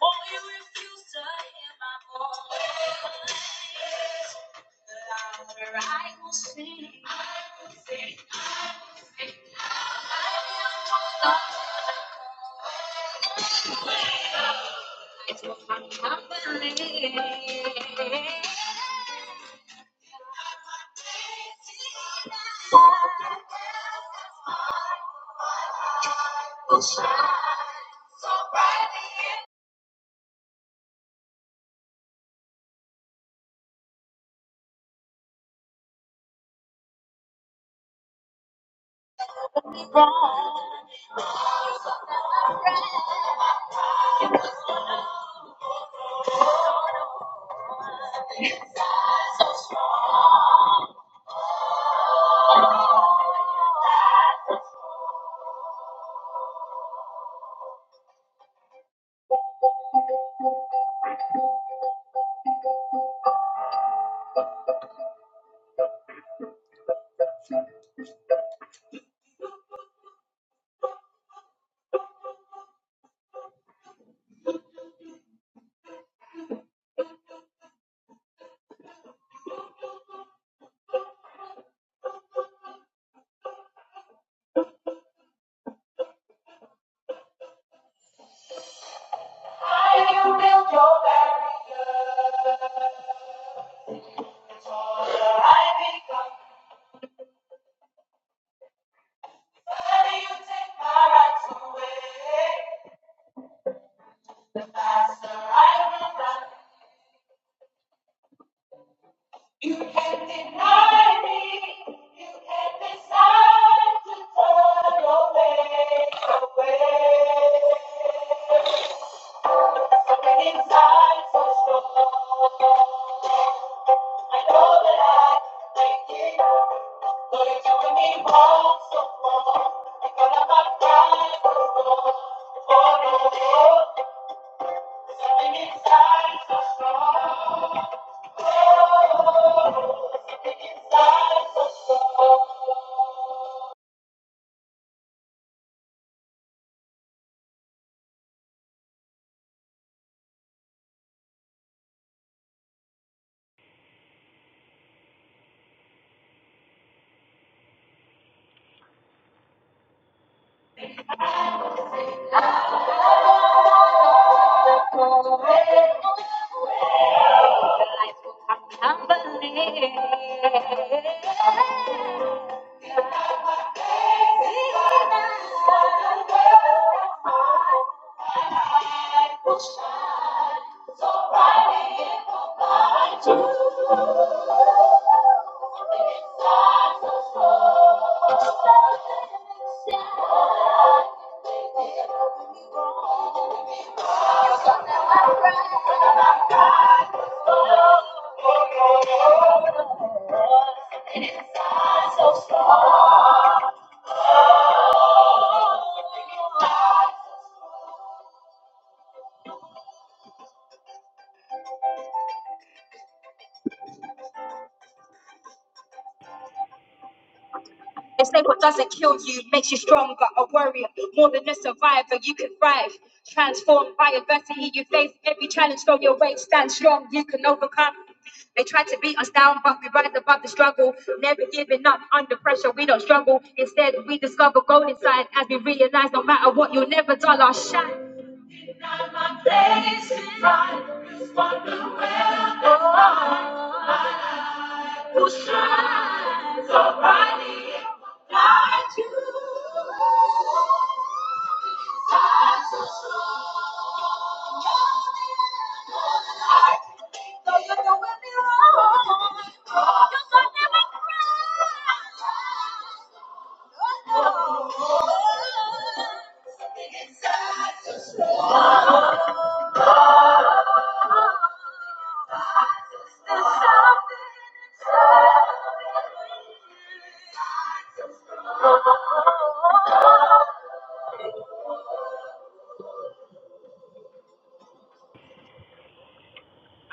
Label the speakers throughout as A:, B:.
A: Or you refuse to hear my voice. Louder, I will sing. I will sing. I can't believe. The faster I will run. You can't deny me. You can't decide to turn your face away. So many times so strong. I know that I make it. But it's doing me wrong so wrong. I thought I might die for no hope. Something inside is so strong. They say what doesn't kill you makes you stronger, a warrior, more than a survivor. You can thrive, transformed by adversity. You face every challenge, throw your weight, stand strong. You can overcome. They try to beat us down, but we rise above the struggle. Never giving up under pressure, we don't struggle. Instead, we discover gold inside as we realize no matter what, you'll never dull our shine. We'll shine.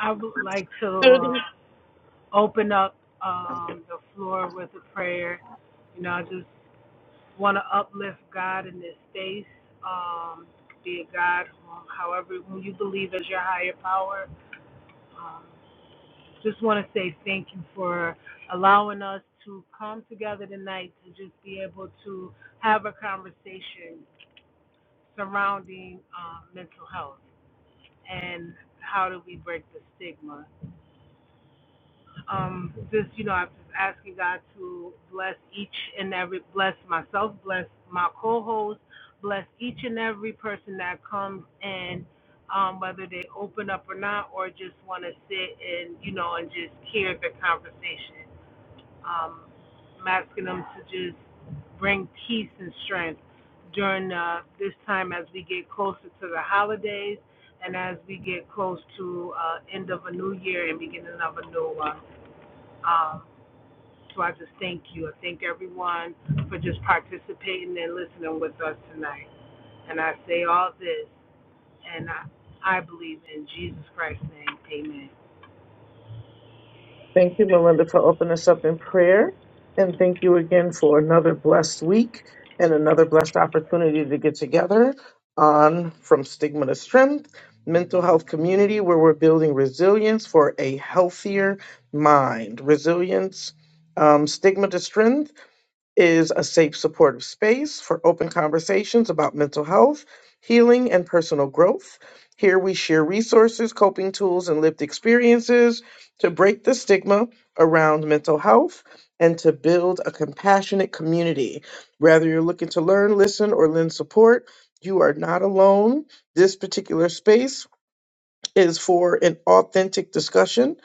B: I would like to uh, open up um, the floor with a prayer. You know, I just want to uplift God in this space. Um, be a God, um, however, when you believe as your higher power. Um, just want to say thank you for allowing us to come together tonight to just be able to have a conversation surrounding um, mental health and how do we break the stigma Um, just you know, I'm just asking God to bless each and every bless myself, bless my co-host, bless each and every person that comes in, um, whether they open up or not, or just want to sit and you know and just hear the conversation. Um, I'm asking them to just bring peace and strength during uh, this time as we get closer to the holidays and as we get close to uh, end of a new year and beginning of a new one. Um, so I just thank you. I thank everyone for just participating and listening with us tonight. And I say all this, and I, I believe in Jesus Christ's name. Amen.
A: Thank you, Melinda, for opening us up in prayer. And thank you again for another blessed week and another blessed opportunity to get together on From Stigma to Strength, mental health community, where we're building resilience for a healthier mind. Resilience, um, stigma to strength is a safe, supportive space for open conversations about mental health, healing, and personal growth. Here we share resources, coping tools, and lived experiences to break the stigma around mental health and to build a compassionate community. Whether you're looking to learn, listen, or lend support, you are not alone. This particular space is for an authentic discussion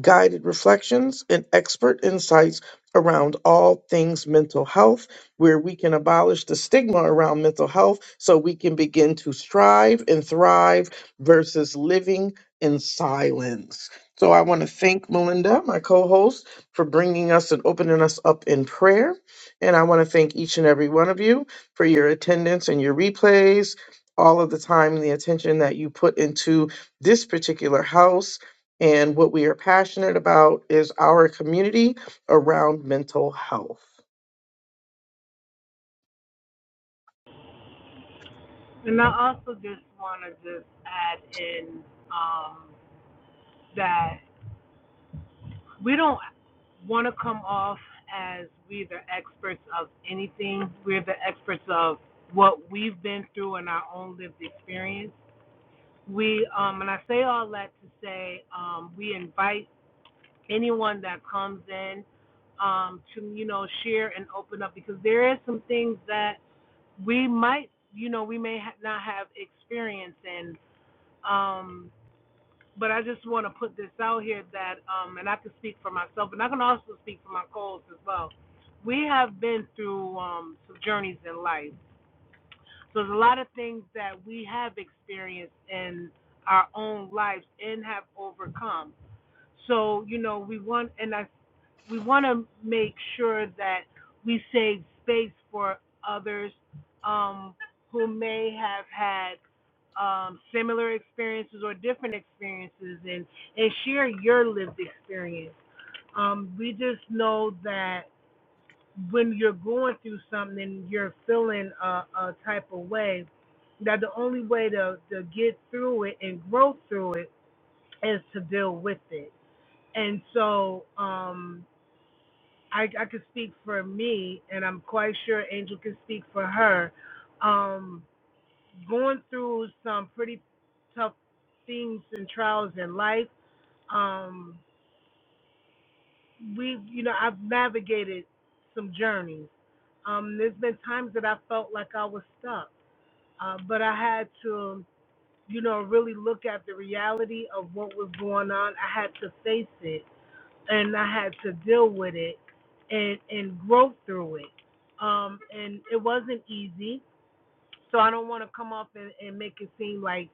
A: guided reflections, and expert insights around all things mental health, where we can abolish the stigma around mental health so we can begin to strive and thrive versus living in silence. So I want to thank Melinda, my co host, for bringing us and opening us up in prayer. And I want to thank each and every one of you for your attendance and your replays, all of the time and the attention that you put into this particular house and what we are passionate about is our community around mental health.
B: And I also just want to just add in um, that we don't want to come off as we're the experts of anything. We're the experts of what we've been through in our own lived experience. We um, and I say all that to say um, we invite anyone that comes in um, to you know share and open up because there is some things that we might you know we may ha- not have experience in. Um, but I just want to put this out here that um, and I can speak for myself and I can also speak for my co as well. We have been through um, some journeys in life, so there's a lot of things that we have experienced in our own lives and have overcome. So you know we want and I we want to make sure that we save space for others um, who may have had um, similar experiences or different experiences and, and share your lived experience. Um, we just know that when you're going through something and you're feeling a, a type of way, that the only way to, to get through it and grow through it is to deal with it. And so, um, I, I could speak for me, and I'm quite sure Angel can speak for her. Um, going through some pretty tough things and trials in life, um, we, you know, I've navigated some journeys. Um, there's been times that I felt like I was stuck, uh, but I had to, you know, really look at the reality of what was going on. I had to face it and I had to deal with it and and grow through it. Um, and it wasn't easy, so I don't want to come up and, and make it seem like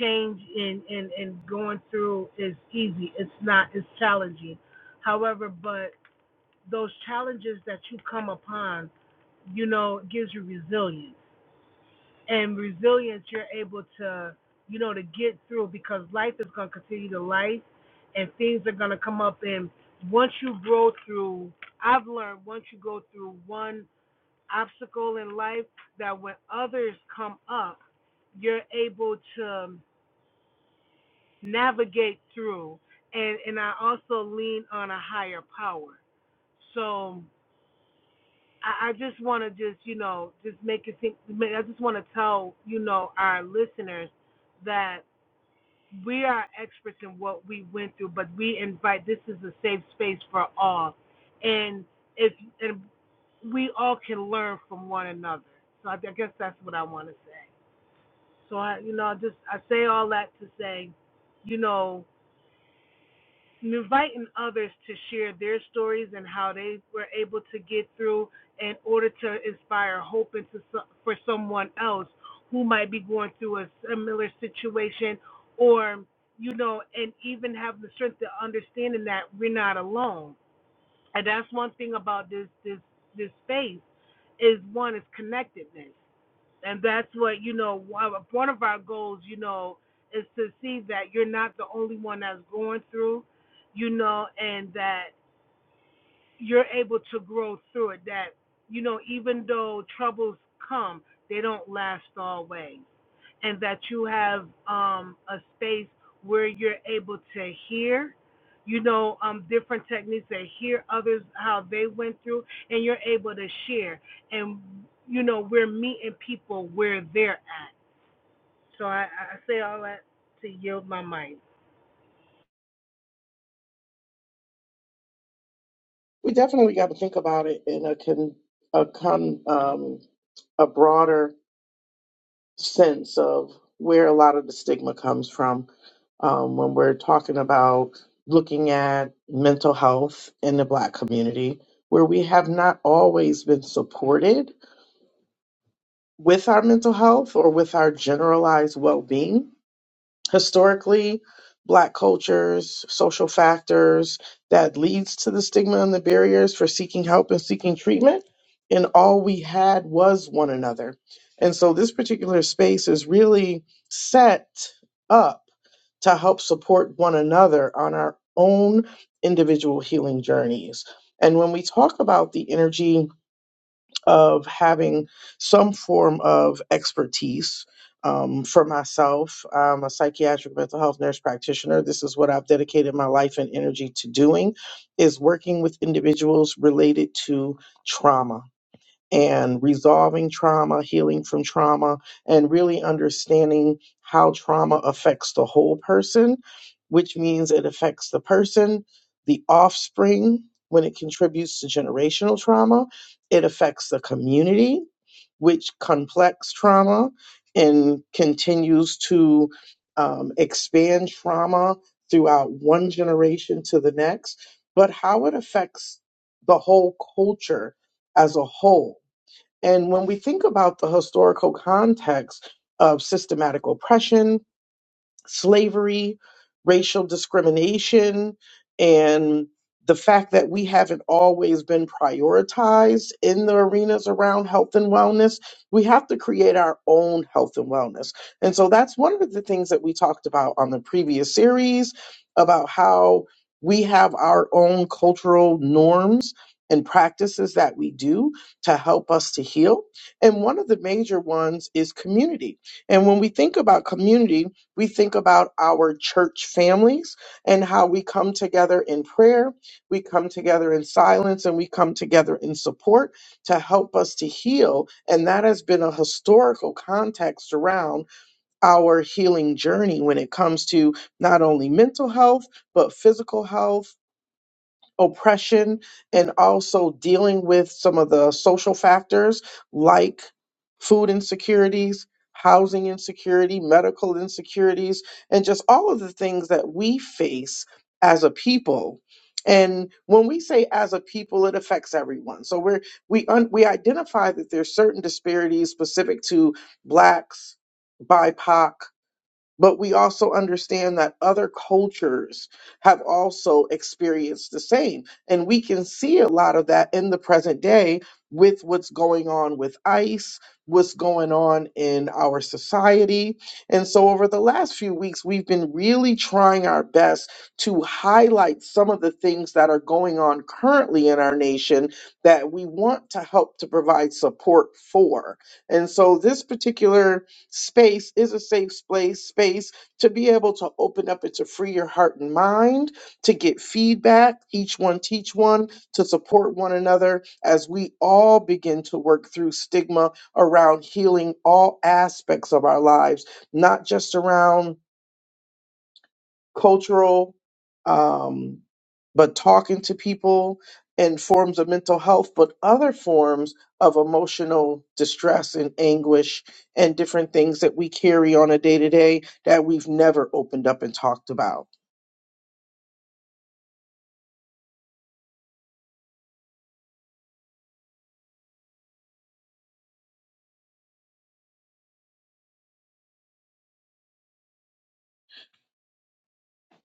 B: change and, and and going through is easy. It's not. It's challenging. However, but those challenges that you come upon, you know, gives you resilience and resilience you're able to you know to get through because life is going to continue to life and things are going to come up and once you grow through i've learned once you go through one obstacle in life that when others come up you're able to navigate through and and i also lean on a higher power so I, I just want to just you know just make it think. I just want to tell you know our listeners that we are experts in what we went through, but we invite this is a safe space for all, and if and we all can learn from one another. So I, I guess that's what I want to say. So I, you know, just I say all that to say, you know, and inviting others to share their stories and how they were able to get through in order to inspire hope into so- for someone else who might be going through a similar situation or you know and even have the strength to understanding that we're not alone and that's one thing about this this this space is one is connectedness and that's what you know one of one of our goals you know is to see that you're not the only one that's going through you know and that you're able to grow through it that you know even though troubles come they don't last always and that you have um a space where you're able to hear you know um different techniques that hear others how they went through and you're able to share and you know we're meeting people where they're at so I, I say all that to yield my mic.
A: We definitely got to think about it in a con, a con, um, a broader sense of where a lot of the stigma comes from um, when we're talking about looking at mental health in the Black community, where we have not always been supported with our mental health or with our generalized well being. historically black cultures social factors that leads to the stigma and the barriers for seeking help and seeking treatment and all we had was one another and so this particular space is really set up to help support one another on our own individual healing journeys and when we talk about the energy of having some form of expertise. Um, for myself, I'm a psychiatric mental health nurse practitioner. This is what I've dedicated my life and energy to doing, is working with individuals related to trauma and resolving trauma, healing from trauma, and really understanding how trauma affects the whole person, which means it affects the person, the offspring, when it contributes to generational trauma, it affects the community, which complex trauma and continues to um, expand trauma throughout one generation to the next, but how it affects the whole culture as a whole and when we think about the historical context of systematic oppression, slavery, racial discrimination, and the fact that we haven't always been prioritized in the arenas around health and wellness, we have to create our own health and wellness. And so that's one of the things that we talked about on the previous series about how we have our own cultural norms and practices that we do to help us to heal. And one of the major ones is community. And when we think about community, we think about our church families and how we come together in prayer, we come together in silence, and we come together in support to help us to heal. And that has been a historical context around our healing journey when it comes to not only mental health, but physical health oppression and also dealing with some of the social factors like food insecurities, housing insecurity, medical insecurities, and just all of the things that we face as a people. And when we say as a people, it affects everyone. So we're we un, we identify that there's certain disparities specific to blacks, BIPOC, but we also understand that other cultures have also experienced the same. And we can see a lot of that in the present day with what's going on with ICE, what's going on in our society. And so, over the last few weeks, we've been really trying our best to highlight some of the things that are going on currently in our nation that we want to help to provide support for. And so, this particular Space is a safe place, space to be able to open up and to free your heart and mind, to get feedback, each one teach one, to support one another as we all begin to work through stigma around healing all aspects of our lives, not just around cultural, um, but talking to people in forms of mental health, but other forms of emotional distress and anguish and different things that we carry on a day to day that we've never opened up and talked about.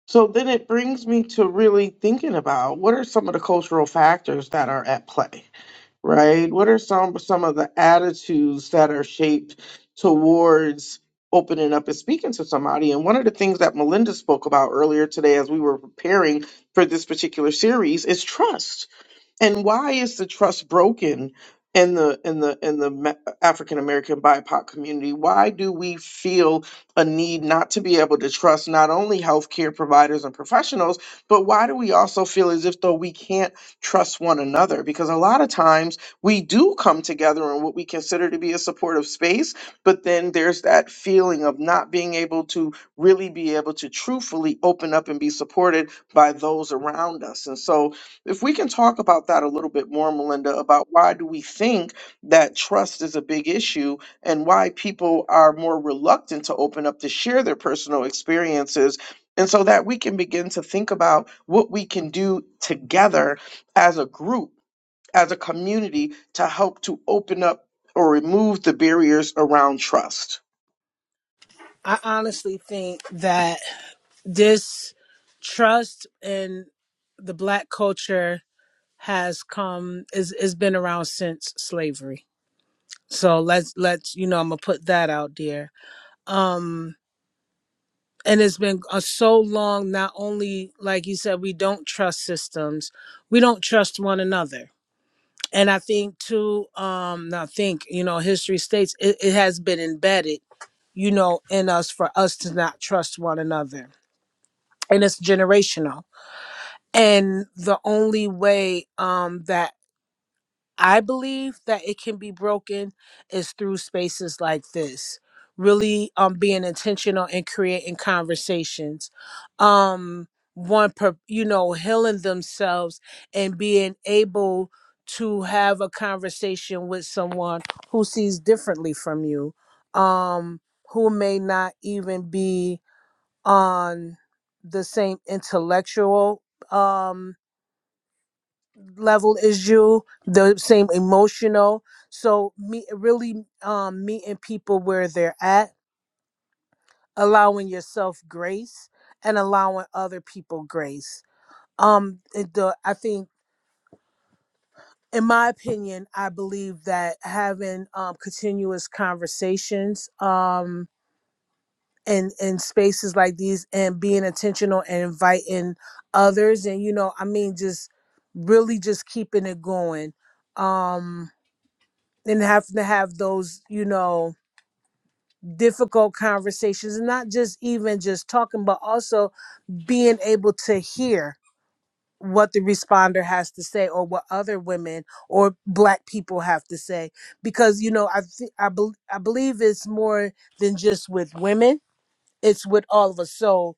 A: So then it brings me to really thinking about what are some of the cultural factors that are at play? right? What are some some of the attitudes that are shaped towards opening up and speaking to somebody? And one of the things that Melinda spoke about earlier today as we were preparing for this particular series is trust and why is the trust broken in the in the in the Ma- African American BIPOC community? Why do we feel a need not to be able to trust not only healthcare providers and professionals, but why do we also feel as if though we can't trust one another? Because a lot of times we do come together in what we consider to be a supportive space, but then there's that feeling of not being able to really be able to truthfully open up and be supported by those around us. And so if we can talk about that a little bit more melinda about why do we think that trust is a big issue and why people are more reluctant to open up to share their personal experiences and so that we can begin to think about what we can do together as a group as a community to help to open up or remove the barriers around trust
B: I honestly think that this trust in the black culture has come is has been around since slavery. So let's let's you know I'm gonna put that out there. Um and it's been uh, so long not only like you said we don't trust systems, we don't trust one another. And I think too um not think, you know, history states it, it has been embedded you know, in us for us to not trust one another. And it's generational. And the only way um, that I believe that it can be broken is through spaces like this. Really um, being intentional and creating conversations. Um, one, per, you know, healing themselves and being able to have a conversation with someone who sees differently from you, um, who may not even be on the same intellectual um level as you the same emotional so me really um meeting people where they're at allowing yourself grace and allowing other people grace um it- the i think in my opinion i believe that having um continuous conversations um, and in spaces like these and being intentional and inviting others and you know i mean just really just keeping it going um and having to have those you know difficult conversations and not just even just talking but also being able to hear what the responder has to say or what other women or black people have to say because you know i th- I, bel I believe it's more than just with women it's with all of us so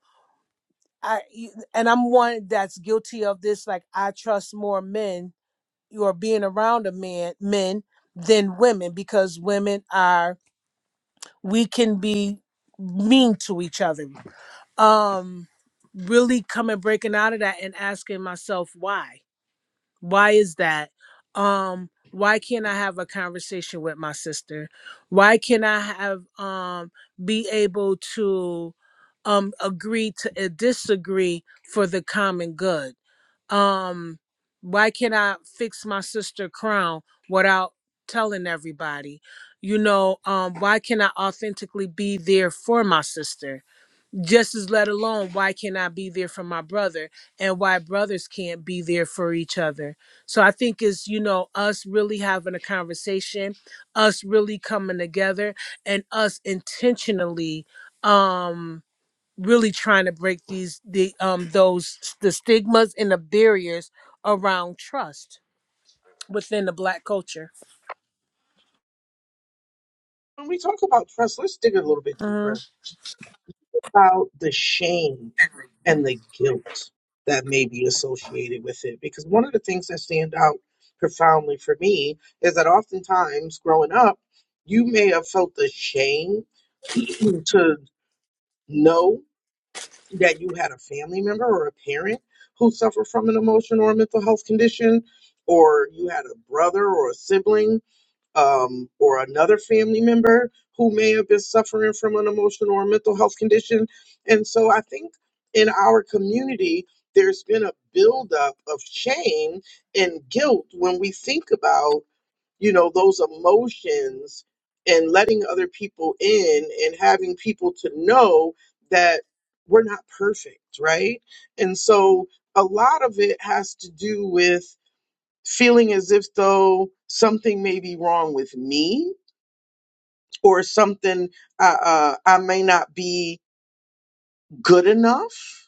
B: I you- and I'm one that's guilty of this. Like I trust more men or being around a man men than women because women are we can be mean to each other. Um, really coming breaking out of that and asking myself why why is that um why can't i have a conversation with my sister why can i have um be able to um agree to uh, disagree for the common good um why can't i fix my sister crown without telling everybody you know um why can i authentically be there for my sister just as let alone why can't I be there for my brother and why brothers can't be there for each other. So I think it's, you know, us really having a conversation, us really coming together and us intentionally um really trying to break these the um those the stigmas and the barriers around trust within the black culture.
A: when we talk about trust, let's dig a little bit
B: hmm
A: deeper. about the shame and the guilt that may be associated with it. Because one of the things that stand out profoundly for me is that oftentimes growing up, you may have felt the shame to know that you had a family member or a parent who suffered from an emotion or a mental health condition, or you had a brother or a sibling um, or another family member who may have been suffering from an emotional or mental health condition. And so I think in our community, there's been a buildup of shame and guilt when we think about, you know, those emotions and letting other people in and having people to know that we're not perfect, right? And so a lot of it has to do with feeling as if though something may be wrong with me or something uh, uh, I may not be good enough.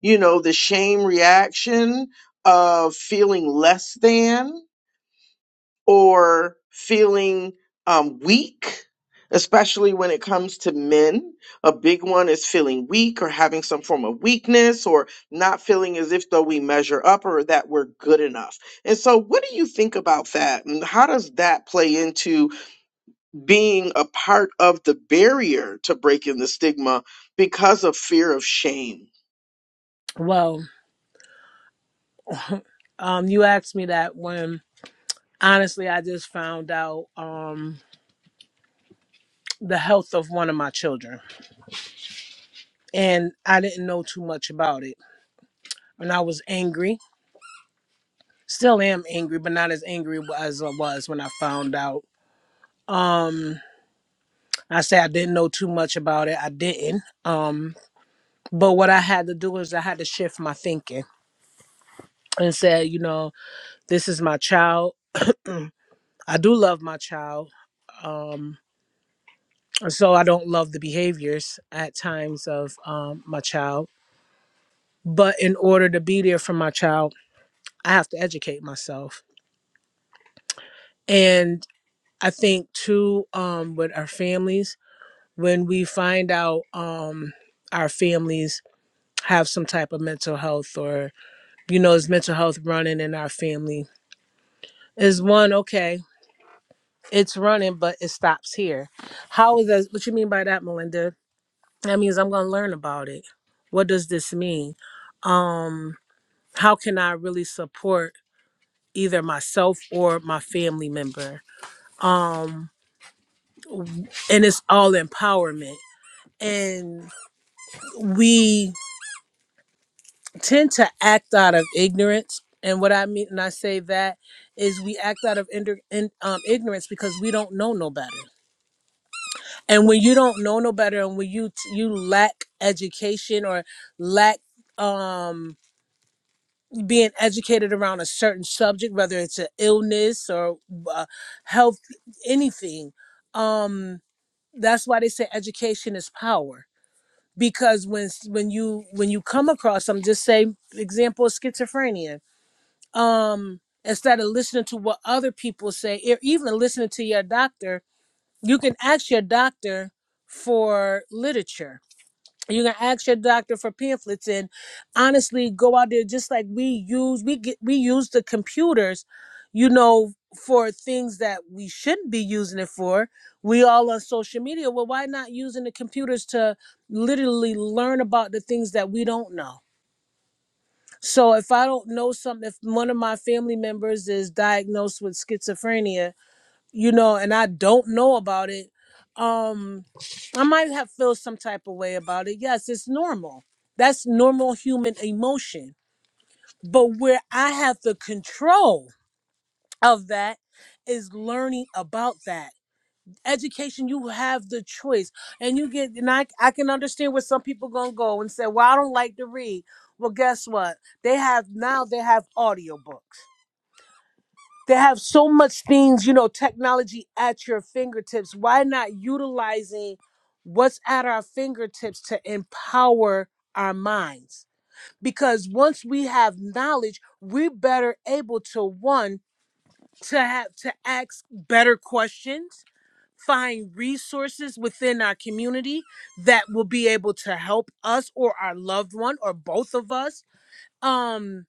A: You know, the shame reaction of feeling less than. or feeling um, weak, especially when it comes to men. A big one is feeling weak or having some form of weakness or not feeling as if though we measure up or that we're good enough. And so, what do you think about that? And how does that play into? being a part of the barrier to breaking the stigma because of fear of shame.
B: Well, um you asked me that when honestly I just found out um the health of one of my children and I didn't know too much about it. And I was angry. Still am angry, but not as angry as I was when I found out. Um I say I didn't know too much about it. I didn't. Um but what I had to do is I had to shift my thinking and say, you know, this is my child. I do love my child. Um and so I don't love the behaviors at times of um my child. But in order to be there for my child, I have to educate myself And I think too, um, with our families, when we find out um, our families have some type of mental health or, you know, is mental health running in our family, is one, okay, it's running, but it stops here. How is that? What you mean by that, Melinda? That means I'm going to learn about it. What does this mean? Um, how can I really support either myself or my family member? Um, and it's all empowerment. And we tend to act out of ignorance and what i mean and i say that is we act out of ind- in, um, ignorance because we don't know no better and when you don't know no better and when you t- you lack education or lack um being educated around a certain subject whether it's an illness or uh, health anything um that's why they say education is power because when when you when you come across some just say example of schizophrenia um instead of listening to what other people say or even listening to your doctor you can ask your doctor for literature you can ask your doctor for pamphlets and honestly go out there just like we use we get we use the computers you know for things that we shouldn't be using it for we all on social media well why not using the computers to literally learn about the things that we don't know so if i don't know something if one of my family members is diagnosed with schizophrenia you know, and I don't know about it, um, I might have feel some type of way about it. Yes, it's normal. That's normal human emotion. But where I have the control of that is learning about that. Education, you have the choice. And you get and I I can understand where some people gonna go and say, Well, I don't like to read. Well, guess what? They have now they have audiobooks. They have so much things, you know, technology at your fingertips. Why not utilizing what's at our fingertips to empower our minds? Because once we have knowledge, we're better able to one to have to ask better questions, find resources within our community that will be able to help us or our loved one or both of us. Um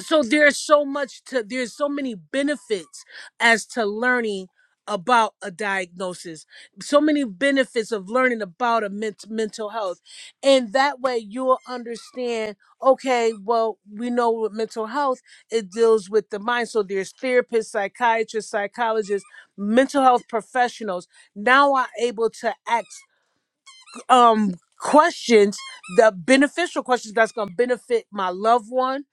B: so there's so much to there's so many benefits as to learning about a diagnosis so many benefits of learning about a ment- mental health and that way you'll understand okay well we know with mental health it deals with the mind so there's therapists psychiatrists psychologists mental health professionals now are able to act um questions the beneficial questions that's going to benefit my loved one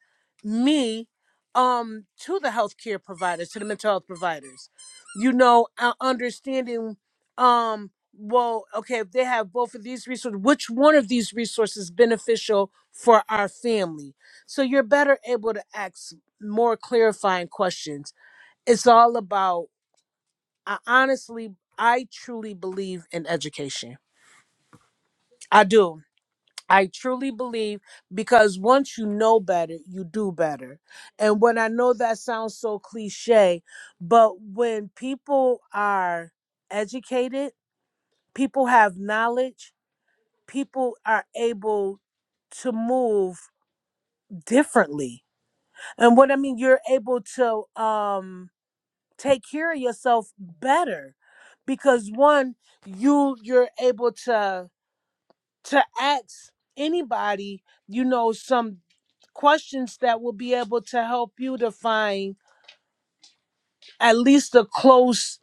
B: me um to the healthcare providers to the mental health providers you know uh, understanding um well okay if they have both of these resources which one of these resources beneficial for our family so you're better able to ask more clarifying questions it's all about i honestly i truly believe in education i do I truly believe because once you know better, you do better. And when I know that sounds so cliche, but when people are educated, people have knowledge, people are able to move differently. And what I mean, you're able to um take care of yourself better because one, you you're able to to ask anybody, you know, some questions that will be able to help you to find at least a close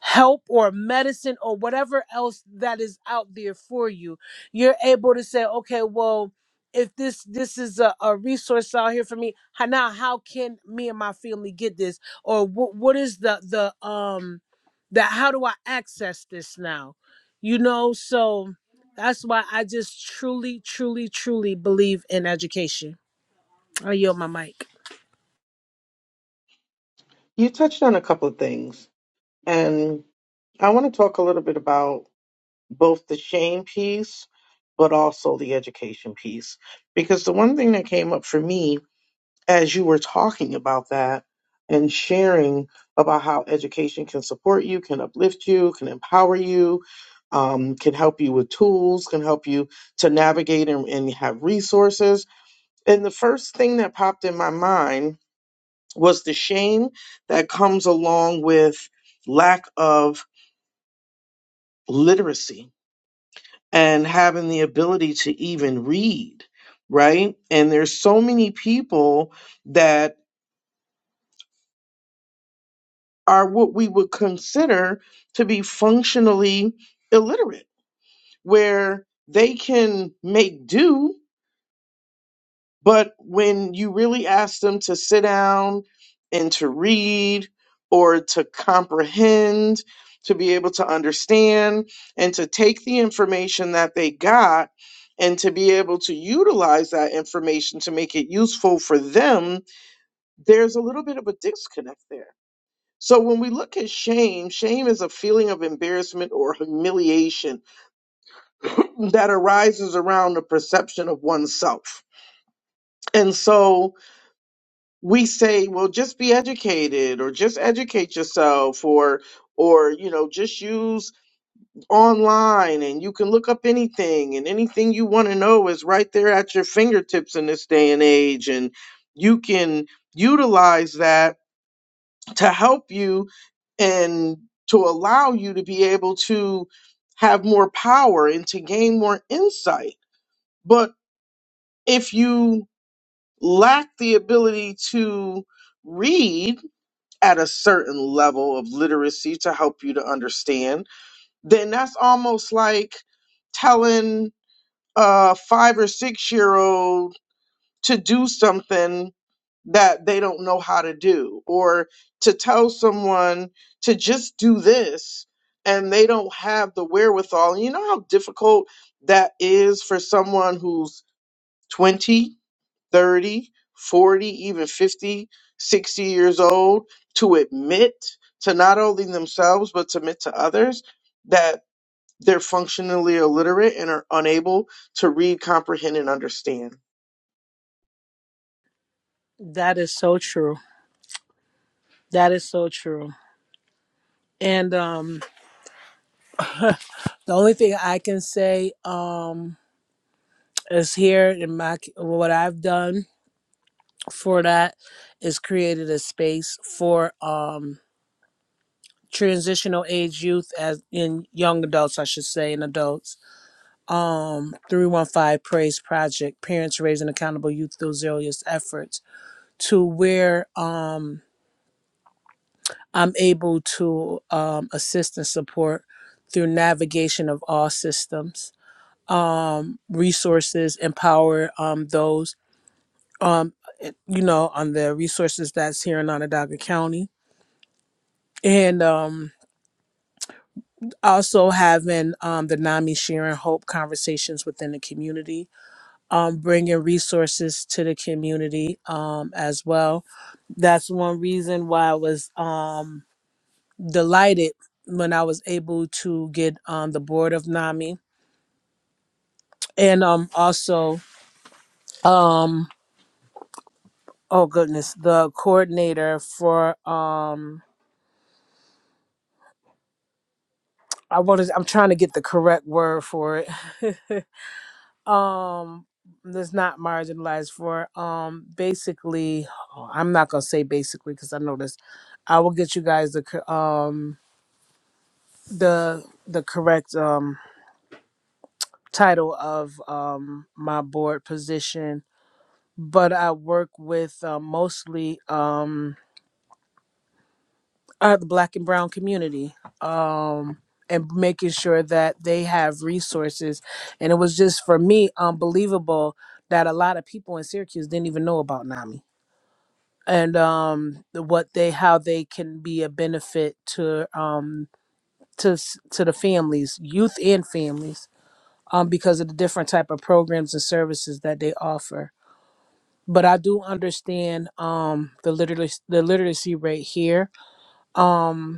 B: help or medicine or whatever else that is out there for you you're able to say okay well if this this is a, a resource out here for me how now how can me and my family get this or wh- what is the the um the how do i access this now you know so that's why i just truly truly truly believe in education i yield my mic
A: You touched on a couple of things, and I want to talk a little bit about both the shame piece, but also the education piece. Because the one thing that came up for me as you were talking about that and sharing about how education can support you, can uplift you, can empower you, um, can help you with tools, can help you to navigate and, and have resources. And the first thing that popped in my mind was the shame that comes along with lack of literacy and having the ability to even read, right? And there's so many people that. are what we would consider to be functionally illiterate, where they can make do, but when you really ask them to sit down and to read or to comprehend, to be able to understand and to take the information that they got and to be able to utilize that information to make it useful for them, there's a little bit of a disconnect there. So when we look at shame, shame is a feeling of embarrassment or humiliation that arises around the perception of oneself. And so we say, well, just be educated or just educate yourself or or you know just use online and you can look up anything and anything you want to know is right there at your fingertips in this day and age and you can utilize that to help you and to allow you to be able to have more power and to gain more insight. But if you lack the ability to read at a certain level of literacy to help you to understand, then that's almost like telling a five or six year old to do something that they don't know how to do or to tell someone to just do this and they don't have the wherewithal. You know how difficult that is for someone who's 20, 30, 40, even 50, 60 years old to admit to not only themselves but to admit to others that they're functionally illiterate and are unable to read, comprehend and understand
B: that is so true that is so true and um The only thing I can say um, is here in my what I've done for that is created a space for um, transitional age youth as in young adults, I should say, and adults. Um, three one five Praise Project, parents raising accountable youth through zealous efforts, to where um, I'm able to um, assist and support through navigation of all systems um, resources, empower um, those, um, eh, you know, on the resources that's here in Onondaga County. And um, also having um, the NAMI sharing hope conversations within the community, um, bringing resources to the community um, as well. That's one reason why I was um, delighted when I was able to get on the board of NAMI. And um, also, um. oh goodness the coordinator for um i want to i'm trying to get the correct word for it um that's not marginalized for um basically oh, i'm not gonna say basically because i know this i will get you guys the cor- um the the correct um title of um my board position but i work with uh, mostly um uh, the black and brown community um and making sure that they have resources and it was just for me unbelievable that a lot of people in syracuse didn't even know about nami and um the- what they how they can be a benefit to um to s- to the families youth and families um because of the different type of programs and services that they offer but i do understand um the literacy the literacy rate here Um,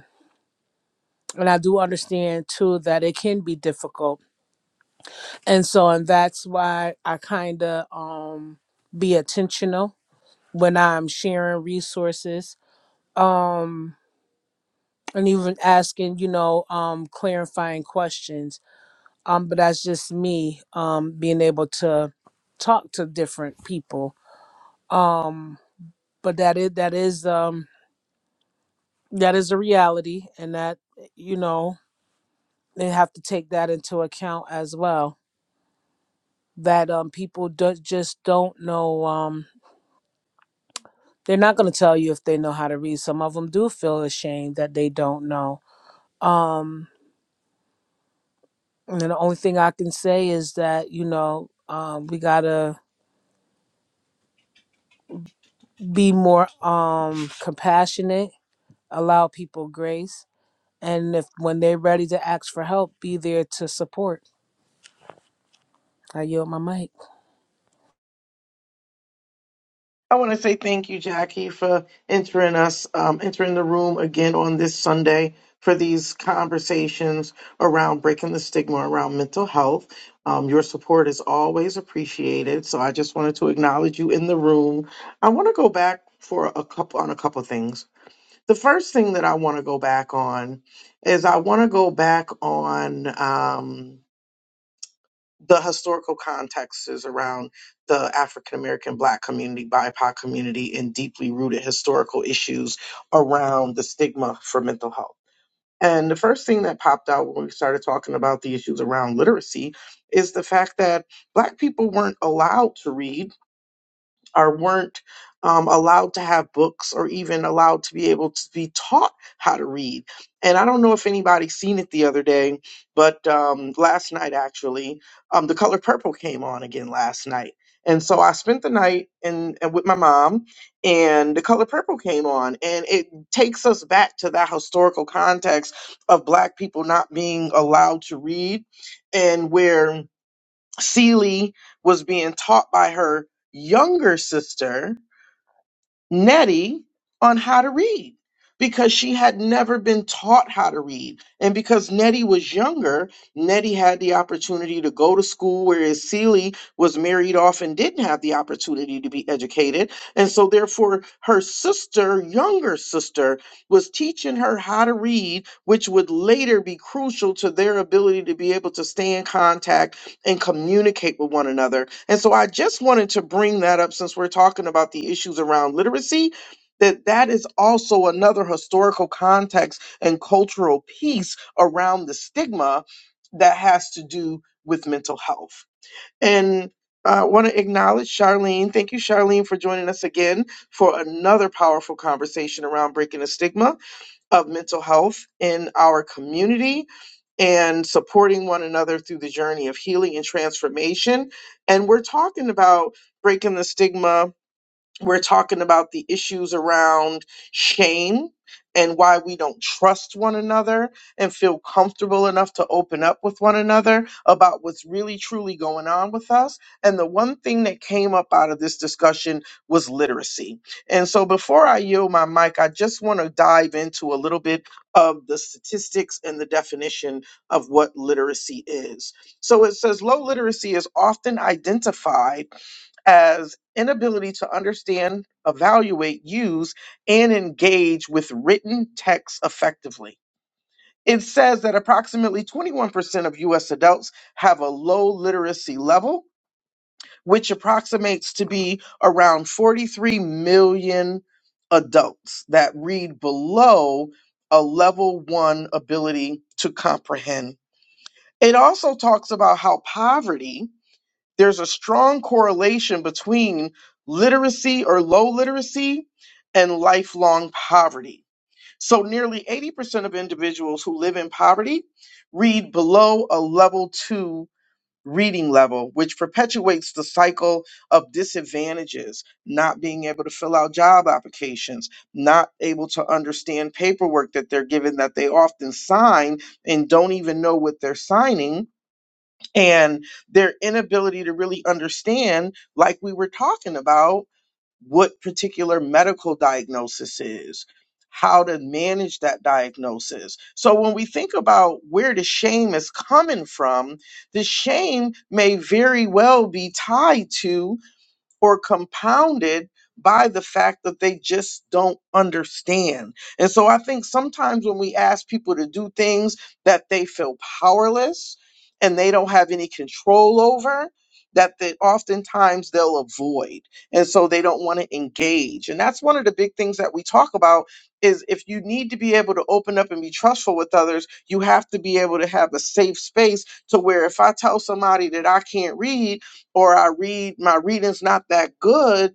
B: And I do understand too that it can be difficult. And so, and that's why I kind of um, be intentional when I'm sharing resources um, and even asking, you know, um, clarifying questions. Um, but that's just me um, being able to talk to different people. Um, but that is that is um, that is a reality, and that you know they have to take that into account as well. that um people do, just don't know um they're not going to tell you if they know how to read some of them do feel ashamed that they don't know um and the only thing i can say is that you know um we got to be more um compassionate allow people grace and if when they're ready to ask for help be there to support i yield my mic
A: I want to say thank you, Jackie, for entering us, um, entering the room again on this Sunday for these conversations around breaking the stigma around mental health. Um, your support is always appreciated, so I just wanted to acknowledge you in the room. I want to go back for a couple on a couple things. The first thing that I want to go back on is I want to go back on. Um, the historical context is around the African American Black community, BIPOC community, and deeply rooted historical issues around the stigma for mental health. And the first thing that popped out when we started talking about the issues around literacy is the fact that Black people weren't allowed to read or weren't um, allowed to have books or even allowed to be able to be taught how to read. And I don't know if anybody seen it the other day, but um, last night actually, um, The Color Purple came on again last night. And so I spent the night in, and with my mom, and The Color Purple came on, and it takes us back to that historical context of Black people not being allowed to read, and where Seeley was being taught by her younger sister. Nettie on how to read because she had never been taught how to read. And because Nettie was younger, Nettie had the opportunity to go to school, whereas Celie was married off and didn't have the opportunity to be educated. And so, therefore, her sister, younger sister, was teaching her how to read, which would later be crucial to their ability to be able to stay in contact and communicate with one another and so I just wanted to bring that up since we're talking about the issues around literacy that that is also another historical context and cultural piece around the stigma that has to do with mental health. And I want to acknowledge Charlene. Thank you, Charlene, for joining us again for another powerful conversation around breaking the stigma of mental health in our community and supporting one another through the journey of healing and transformation. And we're talking about breaking the stigma we're talking about the issues around shame and why we don't trust one another and feel comfortable enough to open up with one another about what's really truly going on with us. And the one thing that came up out of this discussion was literacy. And so before I yield my mic, I just want to dive into a little bit of the statistics and the definition of what literacy is. So it says low literacy is often identified as inability to understand, evaluate, use, and engage with written text effectively. It says that approximately 21% of US adults have a low literacy level, which approximates to be around 43 million adults that read below a level one ability to comprehend. It also talks about how poverty there's a strong correlation between literacy or low literacy and lifelong poverty. So, nearly 80% of individuals who live in poverty read below a level two reading level, which perpetuates the cycle of disadvantages, not being able to fill out job applications, not able to understand paperwork that they're given that they often sign and don't even know what they're signing and their inability to really understand, like we were talking about, what particular medical diagnosis is, how to manage that diagnosis. So when we think about where the shame is coming from, the shame may very well be tied to or compounded by the fact that they just don't understand. And so I think sometimes when we ask people to do things that they feel powerless and they don't have any control over, that they oftentimes they'll avoid. And so they don't want to engage. And that's one of the big things that we talk about is if you need to be able to open up and be trustful with others, you have to be able to have a safe space to where if I tell somebody that I can't read, or I read my reading's not that good,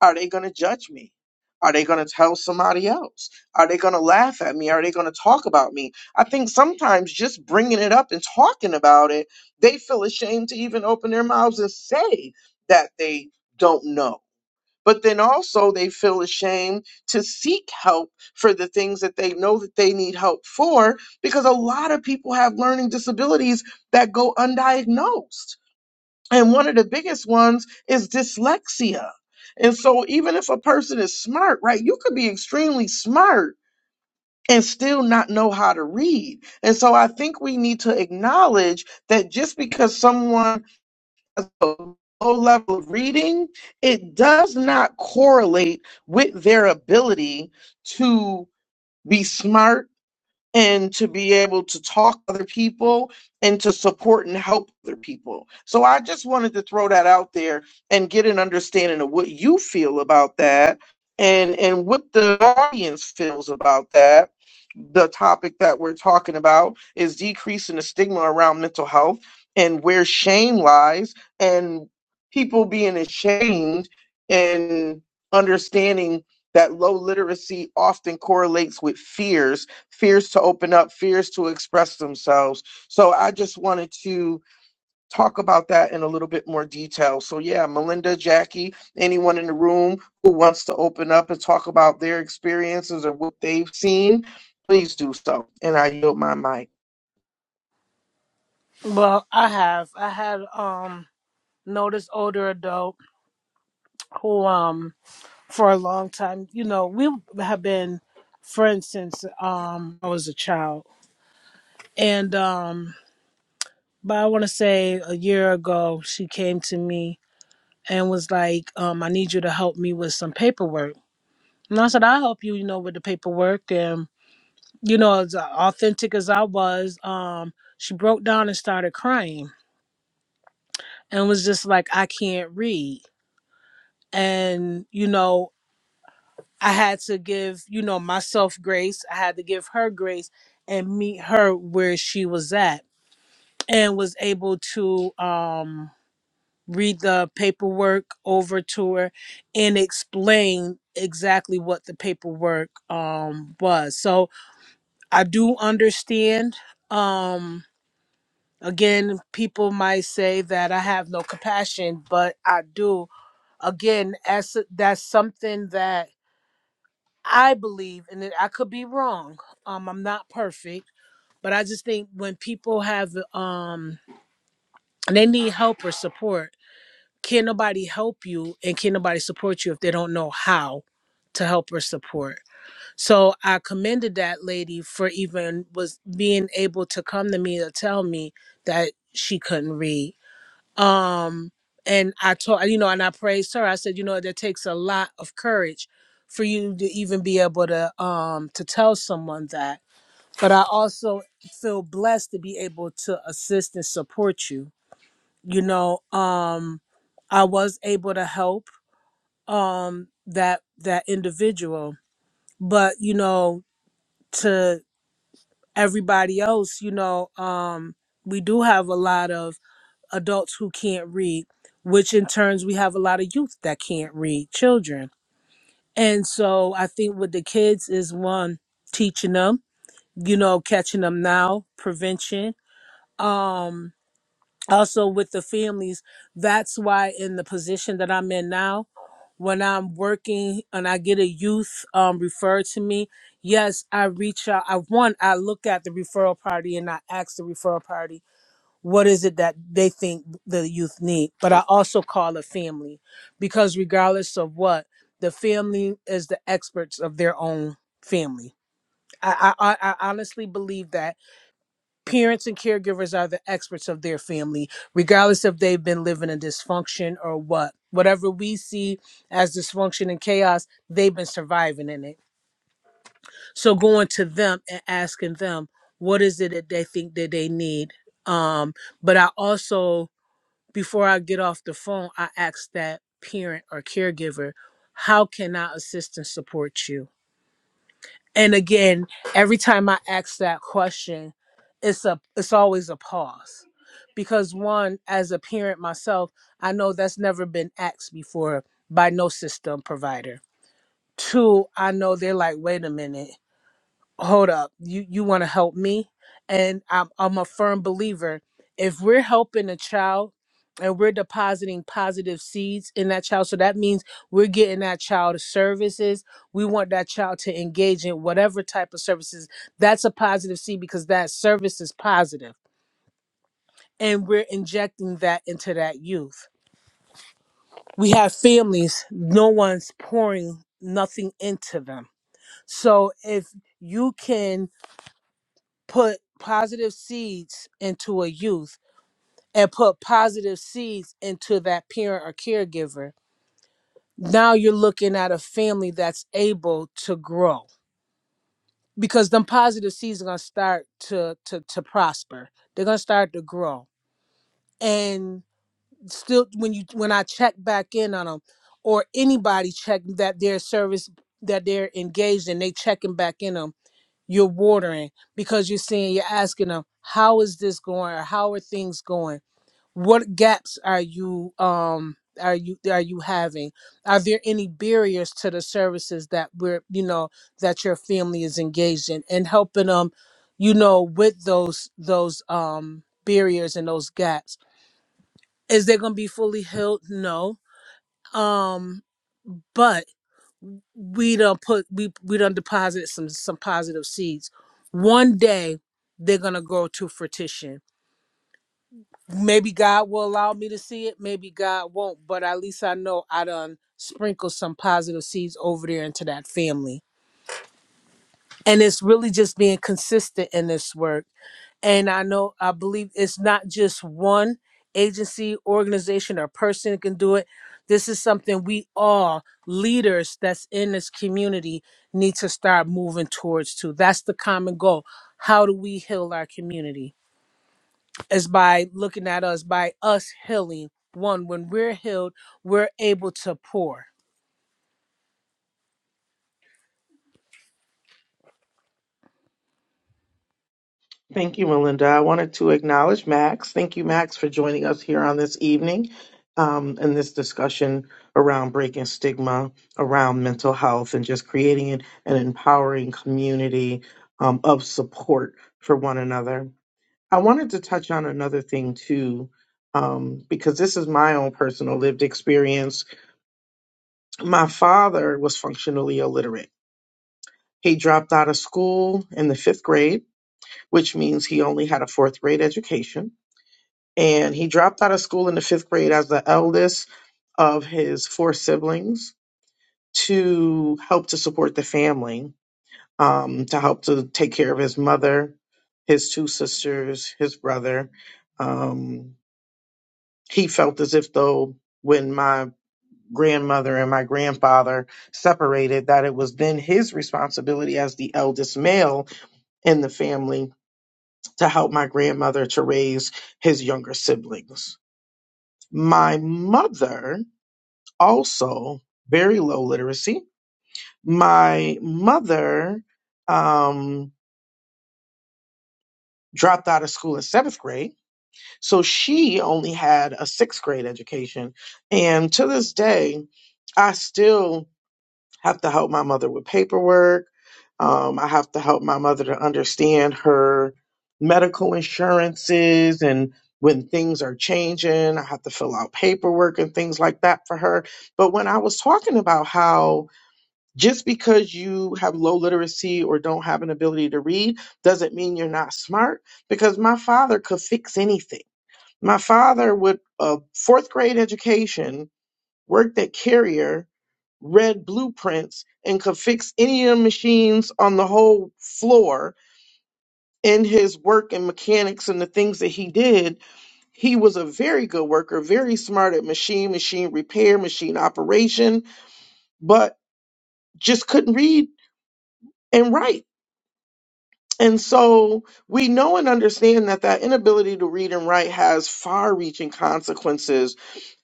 A: are they going to judge me? Are they going to tell somebody else? Are they going to laugh at me? Are they going to talk about me? I think sometimes just bringing it up and talking about it, they feel ashamed to even open their mouths and say that they don't know. But then also they feel ashamed to seek help for the things that they know that they need help for because a lot of people have learning disabilities that go undiagnosed and one of the biggest ones is dyslexia. And so, even if a person is smart, right, you could be extremely smart and still not know how to read. And so, I think we need to acknowledge that just because someone has a low level of reading, it does not correlate with their ability to be smart and to be able to talk to other people and to support and help other people. So I just wanted to throw that out there and get an understanding of what you feel about that and and what the audience feels about that. The topic that we're talking about is decreasing the stigma around mental health and where shame lies and people being ashamed and understanding that low literacy often correlates with fears fears to open up, fears to express themselves. So I just wanted to talk about that in a little bit more detail. So, yeah, Melinda, Jackie, anyone in the room who wants to open up and talk about their experiences or what they've seen, please do so. And I yield my mic.
B: well i have i had um noticed older adult who um for a long time. You know, we have been friends since um I was a child. And um but I want to say a year ago she came to me and was like, um, I need you to help me with some paperwork. And I said, I'll help you, you know, with the paperwork and you know, as authentic as I was, um, she broke down and started crying and was just like, I can't read. And, you know, I had to give, you know, myself grace. I had to give her grace and meet her where she was at and was able to um read the paperwork over to her and explain exactly what the paperwork um was. So I do understand um again people might say that I have no compassion, but I do. Again, as that's something that I believe, and it- I could be wrong. Um, I'm not perfect, but I just think when people have um, they need help or support, can nobody help you, and can nobody support you if they don't know how to help or support. So I commended that lady for even was being able to come to me to tell me that she couldn't read um and i told you know and i praised her i said you know that takes a lot of courage for you to even be able to um to tell someone that but i also feel blessed to be able to assist and support you you know um i was able to help um that that individual but you know to everybody else you know um we do have a lot of adults who can't read, which in turns we have a lot of youth that can't read, children. And so I think with the kids is one teaching them, you know, catching them now, prevention. Um also with the families, that's why in the position that I'm in now, when I'm working and I get a youth um referred to me, yes, I reach out. I one, I look at the referral party and I ask the referral party what is it that they think the youth need but i also call a family because regardless of what the family is the experts of their own family I, I, I I honestly believe that parents and caregivers are the experts of their family, regardless if they've been living in dysfunction or what. Whatever we see as dysfunction and chaos, they've been surviving in it. So going to them and asking them, what is it that they think that they need? Um, but I also before I get off the phone, I ask that parent or caregiver, how can I assist and support you? And again, every time I ask that question, it's a it's always a pause. Because one, as a parent myself, I know that's never been asked before by no system provider. Two, I know they're like, wait a minute hold up you you want to help me and I'm, I'm a firm believer if we're helping a child and we're depositing positive seeds in that child so that means we're getting that child services we want that child to engage in whatever type of services that's a positive seed because that service is positive and we're injecting that into that youth we have families no one's pouring nothing into them so if you can put positive seeds into a youth and put positive seeds into that parent or caregiver, now you're looking at a family that's able to grow because them positive seeds are going to start to to to prosper. They're going to start to grow. And still when you when I check back in on them or anybody check that their service that they're engaged in, they checking back in them. you're watering because you're seeing you're asking them how is this going or how are things going what gaps are you um are you are you having are there any barriers to the services that we're you know that your family is engaged in and helping them you know with those those um barriers and those gaps is they going to be fully healed no um but." we done put we we done deposited some some positive seeds. One day they're gonna go to fruition. Maybe God will allow me to see it. Maybe God won't. But at least I know I done sprinkled some positive seeds over there into that family. And it's really just being consistent in this work and I know I believe it's not just one agency, organization, or person that can do it. This is something we all leaders that's in this community need to start moving towards too. That's the common goal. How do we heal our community? Is by looking at us, by us healing. One, when we're healed, we're able to pour.
A: Thank you, Melinda. I wanted to acknowledge Max. Thank you, Max, for joining us here on this evening um, in this discussion around breaking stigma around mental health and just creating an, an empowering community um, of support for one another. I wanted to touch on another thing too, um, because this is my own personal lived experience. My father was functionally illiterate. He dropped out of school in the fifth grade, which means he only had a fourth grade education and he dropped out of school in the fifth grade as the eldest of his four siblings to help to support the family, um, to help to take care of his mother, his two sisters, his brother. Um, he felt as if though when my grandmother and my grandfather separated, that it was then his responsibility as the eldest male in the family to help my grandmother to raise his younger siblings. My mother also very low literacy. My mother um, dropped out of school in seventh grade, so she only had a sixth grade education. And to this day, I still have to help my mother with paperwork. Um, I have to help my mother to understand her medical insurances and when things are changing. I have to fill out paperwork and things like that for her. But when I was talking about how Just because you have low literacy or don't have an ability to read doesn't mean you're not smart, because my father could fix anything. My father, with a fourth grade education, worked at Carrier, read blueprints, and could fix any of the machines on the whole floor in his work and mechanics and the things that he did. He was a very good worker, very smart at machine, machine repair, machine operation, but just couldn't read and write And so we know and understand that that inability to read and write has far reaching consequences.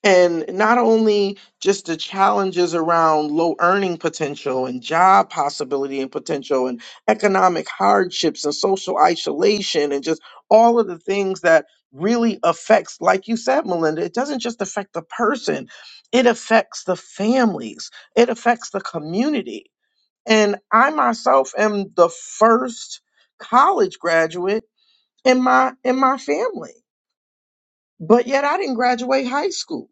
A: And not only just the challenges around low earning potential and job possibility and potential and economic hardships and social isolation and just all of the things that really affects, like you said, Melinda, it doesn't just affect the person, it affects the families, it affects the community and I myself am the first college graduate in my in my family. But yet I didn't graduate high school,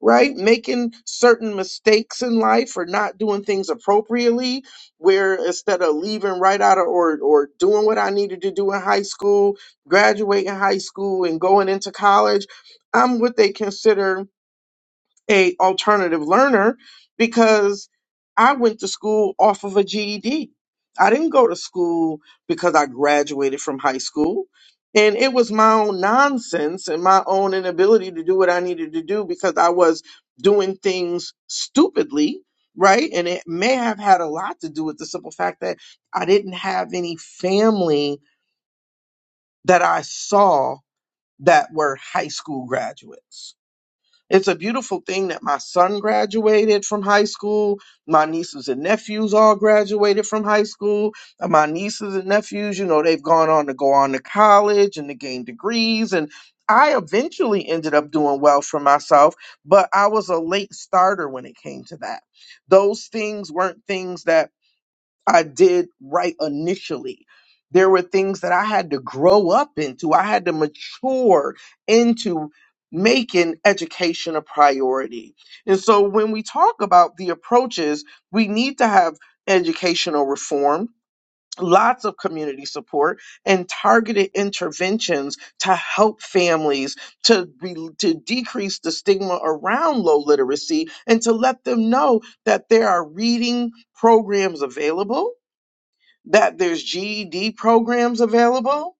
A: right? Making certain mistakes in life or not doing things appropriately, where instead of leaving right out of or or doing what I needed to do in high school, graduating high school and going into college, I'm what they consider a alternative learner because I went to school off of a GED. I didn't go to school because I graduated from high school. And it was my own nonsense and my own inability to do what I needed to do because I was doing things stupidly, right? And it may have had a lot to do with the simple fact that I didn't have any family that I saw that were high school graduates it's a beautiful thing that my son graduated from high school. My nieces and nephews all graduated from high school. And my nieces and nephews, you know, they've gone on to go on to college and to gain degrees. And I eventually ended up doing well for myself, but I was a late starter when it came to that. Those things weren't things that I did right initially. There were things that I had to grow up into. I had to mature into making education a priority. And so when we talk about the approaches, we need to have educational reform, lots of community support, and targeted interventions to help families to re- to decrease the stigma around low literacy and to let them know that there are reading programs available that there's GED programs available.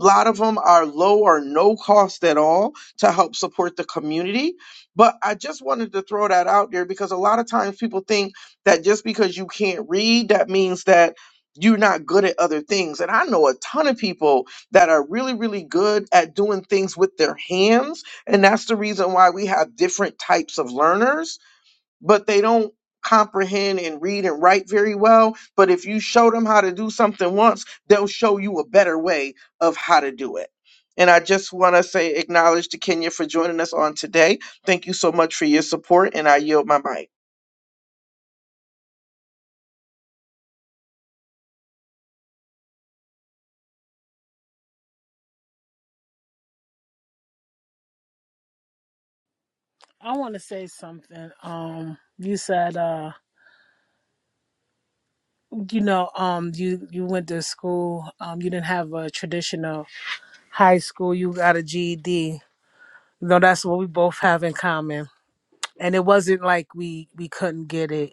A: A lot of them are low or no cost at all to help support the community. But I just wanted to throw that out there because a lot of times people think that just because you can't read, that means that you're not good at other things. And I know a ton of people that are really, really good at doing things with their hands. And that's the reason why we have different types of learners but they don't comprehend and read and write very well. But if you show them how to do something once, they'll show you a better way of how to do it. And I just want to say, acknowledge to Kenya for joining us on today. Thank you so much for your support, and I yield my mic.
B: I want to say something. Um, you said, uh, you know, um, you you went to school. Um, you didn't have a traditional high school, you got a GED. You know, that's what we both have in common. And it wasn't like we we couldn't get it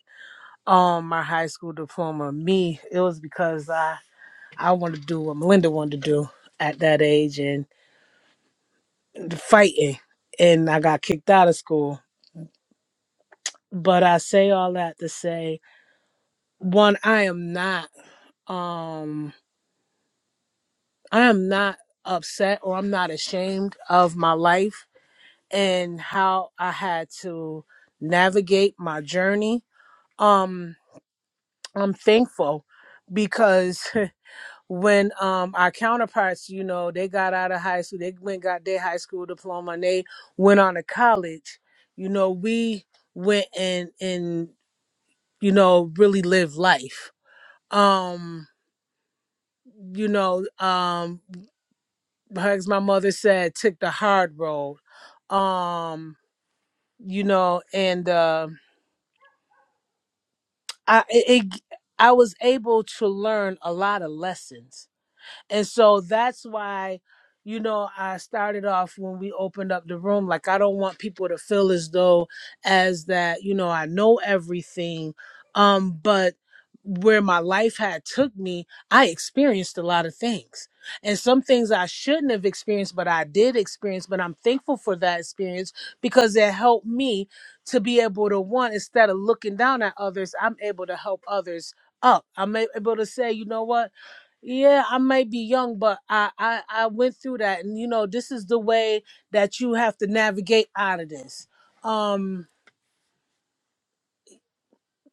B: Um, my high school diploma. Me, it was because I I wanted to do what Melinda wanted to do at that age and fighting. And I got kicked out of school. But I say all that to say, one, I am not um I am not upset or I'm not ashamed of my life and how I had to navigate my journey um i'm thankful because when um our counterparts you know they got out of high school they went got their high school diploma and they went on to college you know we went and and you know really lived life um you know um as my mother said took the hard road um you know and uh i it, it i was able to learn a lot of lessons And so that's why, you know, I started off when we opened up the room. Like, I don't want people to feel as though, as that, you know, I know everything. Um, but where my life had took me, I experienced a lot of things. And some things I shouldn't have experienced, but I did experience. But I'm thankful for that experience because it helped me to be able to one, instead of looking down at others, I'm able to help others up. I'm a- able to say, you know what? Yeah, I might be young, but I, I I went through that, and you know, this is the way that you have to navigate out of this. Um,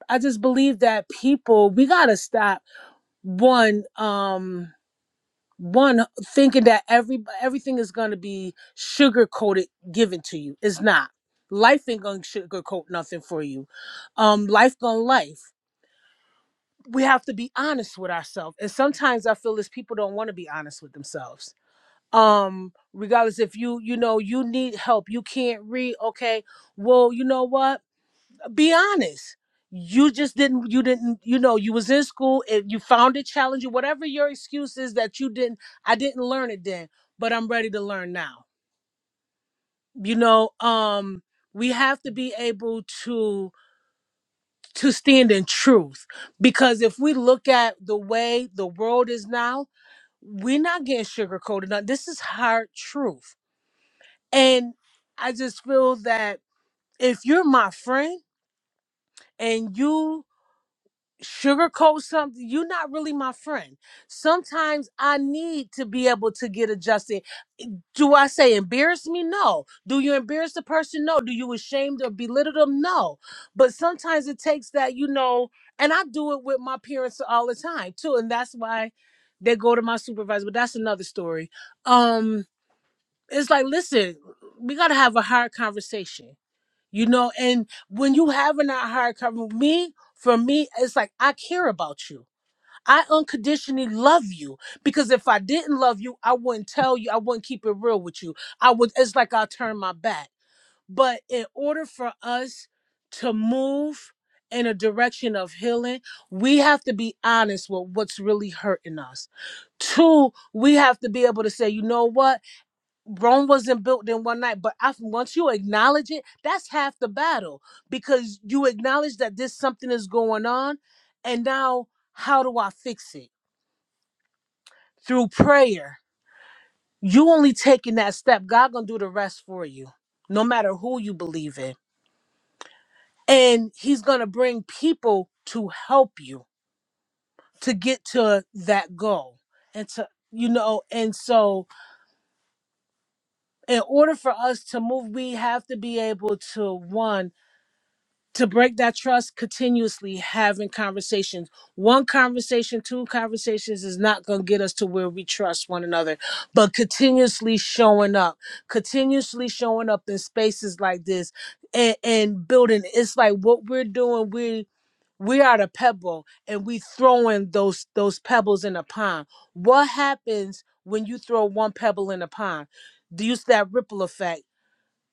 B: I just believe that people we gotta stop one um one thinking that every everything is gonna be sugar coated given to you. It's not. Life ain't gonna sugarcoat nothing for you. Um, life gonna life. We have to be honest with ourselves, and sometimes I feel as people don't want to be honest with themselves um regardless if you you know you need help you can't read okay well you know what be honest you just didn't you didn't you know you was in school and you found it challenging whatever your excuse is that you didn't i didn't learn it then but i'm ready to learn now you know um we have to be able to to stand in truth because if we look at the way the world is now we're not getting sugarcoated now this is hard truth And I just feel that if you're my friend and you sugarcoat something, you're not really my friend. Sometimes I need to be able to get adjusted. Do I say embarrass me? No. Do you embarrass the person? No. Do you ashamed or belittle them? No. But sometimes it takes that, you know, and I do it with my parents all the time too. And that's why they go to my supervisor, but that's another story. Um, it's like, listen, we gotta have a hard conversation You know, and when you having that hard cover, me, for me, it's like I care about you. I unconditionally love you because if I didn't love you, I wouldn't tell you. I wouldn't keep it real with you. I would. It's like I'll turn my back. But in order for us to move in a direction of healing, we have to be honest with what's really hurting us. Two, we have to be able to say, you know what? Rome wasn't built in one night, but I, once you acknowledge it, that's half the battle because you acknowledge that this something is going on, and now how do I fix it through prayer? You only taking that step. God gonna do the rest for you, no matter who you believe in, and He's gonna bring people to help you to get to that goal, and to you know, and so in order for us to move, we have to be able to one to break that trust continuously having conversations one conversation two conversations is not going to get us to where we trust one another but continuously showing up continuously showing up in spaces like this and, and building it's like what we're doing we we are the pebble and we throwing those those pebbles in a pond what happens when you throw one pebble in a pond do you see that ripple effect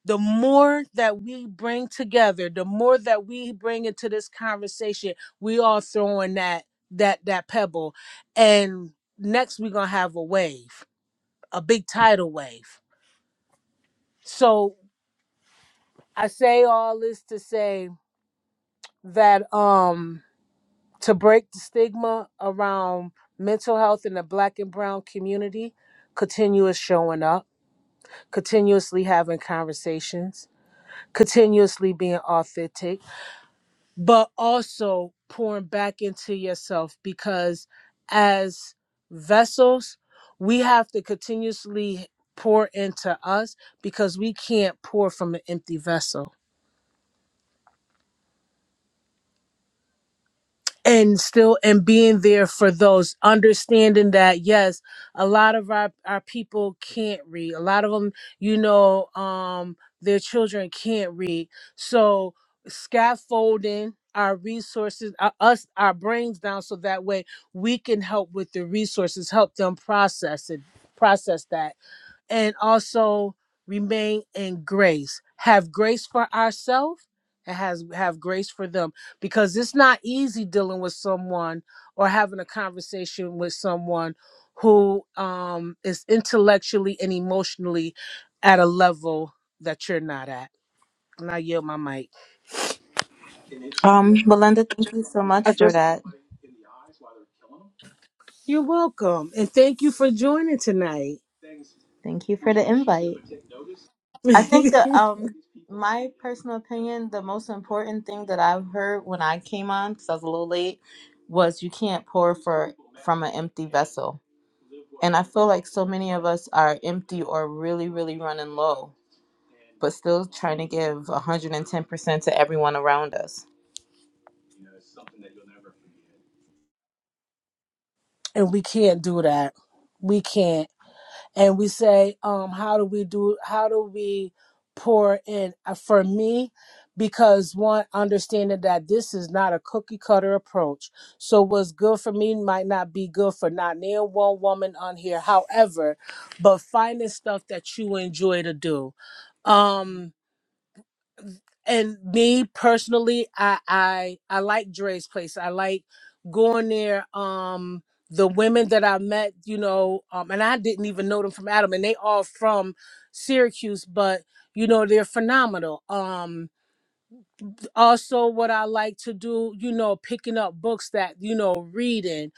B: the more that we bring together the more that we bring into this conversation we all throwing that that that pebble and next we're gonna have a wave a big tidal wave so i say all this to say that um to break the stigma around mental health in the black and brown community continuous showing up continuously having conversations continuously being authentic but also pouring back into yourself because as vessels, we have to continuously pour into us because we can't pour from an empty vessel. and still and being there for those understanding that yes a lot of our, our people can't read a lot of them you know um their children can't read so scaffolding our resources uh, us our brains down so that way we can help with the resources help them process it process that and also remain in grace. Have grace for ourselves and has have grace for them because it's not easy dealing with someone or having a conversation with someone who um, is intellectually and emotionally at a level that you're not at. And I yield my mic.
C: Um, Belinda, thank you so much for that.
B: You're welcome, and thank you for joining tonight.
C: Thank you for the invite. I think
B: and
C: that um my personal opinion, the most important thing that I've heard when I came on, because I was a little late, was you can't pour for from an empty vessel. And I feel like so many of us are empty or really, really running low, but still trying to give 110% to everyone around us.
B: we can't do that. We can't. and we say um how do we do how do we pour in Uh, for me because one understanding that this is not a cookie cutter approach so what's good for me might not be good for not near one woman on here however but finding stuff that you enjoy to do um and me personally i i i like dre's place i like going there um the women that i met you know um and i didn't even know them from adam and they all from syracuse but you know they're phenomenal um also what i like to do you know picking up books that you know reading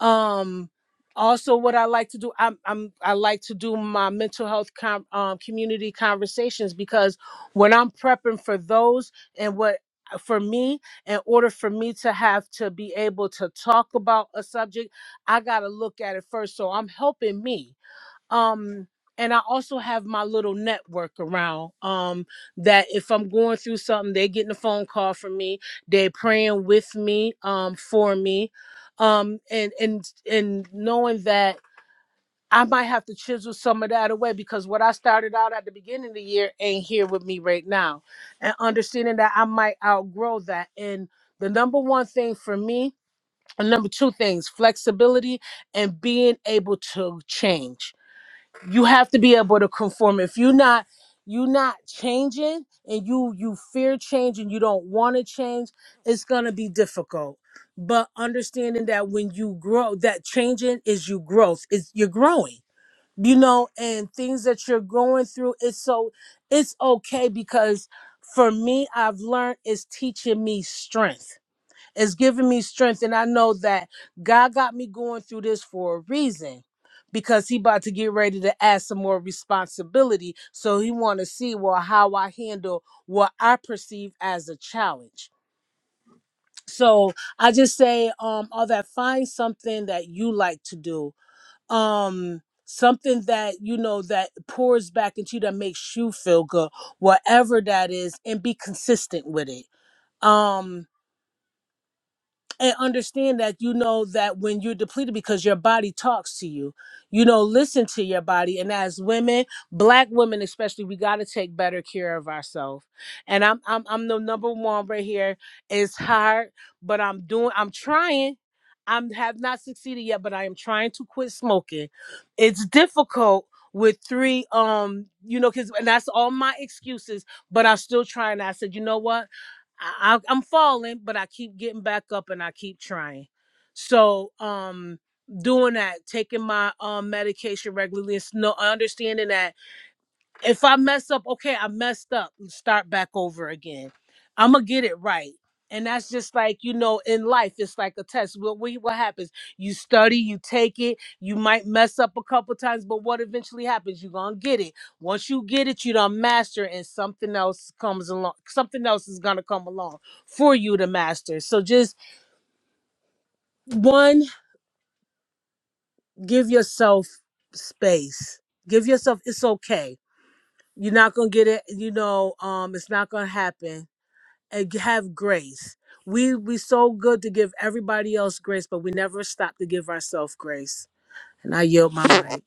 B: um, also, what I like to do, I'm, I'm I like to do my mental health com- um, community conversations because when I'm prepping for those and what uh, for me, in order for me to have to be able to talk about a subject, I gotta look at it first. So I'm helping me um and i also have my little network around um that if i'm going through something they're getting a phone call from me they're praying with me um for me um and and and knowing that I might have to chisel some of that away because what I started out at the beginning of the year ain't here with me right now. And understanding that I might outgrow that. And the number one thing for me, and number two things, flexibility and being able to change you have to be able to conform if you're not you're not changing and you you fear change and you don't want to change it's going to be difficult but understanding that when you grow that changing is you growth is you're growing you know and things that you're going through it's so it's okay because for me i've learned it's teaching me strength it's giving me strength, and I know that God got me going through this for a reason because he about to get ready to add some more responsibility so he want to see well how i handle what i perceive as a challenge so i just say um all that find something that you like to do um something that you know that pours back into you that makes you feel good whatever that is and be consistent with it um and understand that you know that when you're depleted because your body talks to you you know listen to your body and as women black women especially we got to take better care of ourselves and I'm, I'm i'm the number one right here it's hard but i'm doing i'm trying i have not succeeded yet but i am trying to quit smoking it's difficult with three um you know because and that's all my excuses but i'm still trying i said you know what I, I I'm falling, but I keep getting back up and I keep trying. So um doing that, taking my um medication regularly, and s- no understanding that if I mess up, okay, I messed up and start back over again. I'm gonna get it right. And that's just like, you know, in life, it's like a test. What we what happens? You study, you take it, you might mess up a couple times, but what eventually happens? You're gonna get it. Once you get it, you don't master and something else comes along. Something else is gonna come along for you to master. So just one, give yourself space. Give yourself it's okay. You're not gonna get it, you know, um, it's not gonna happen and have grace. We we so good to give everybody else grace, but we never stop to give ourselves grace. And I yield my mic.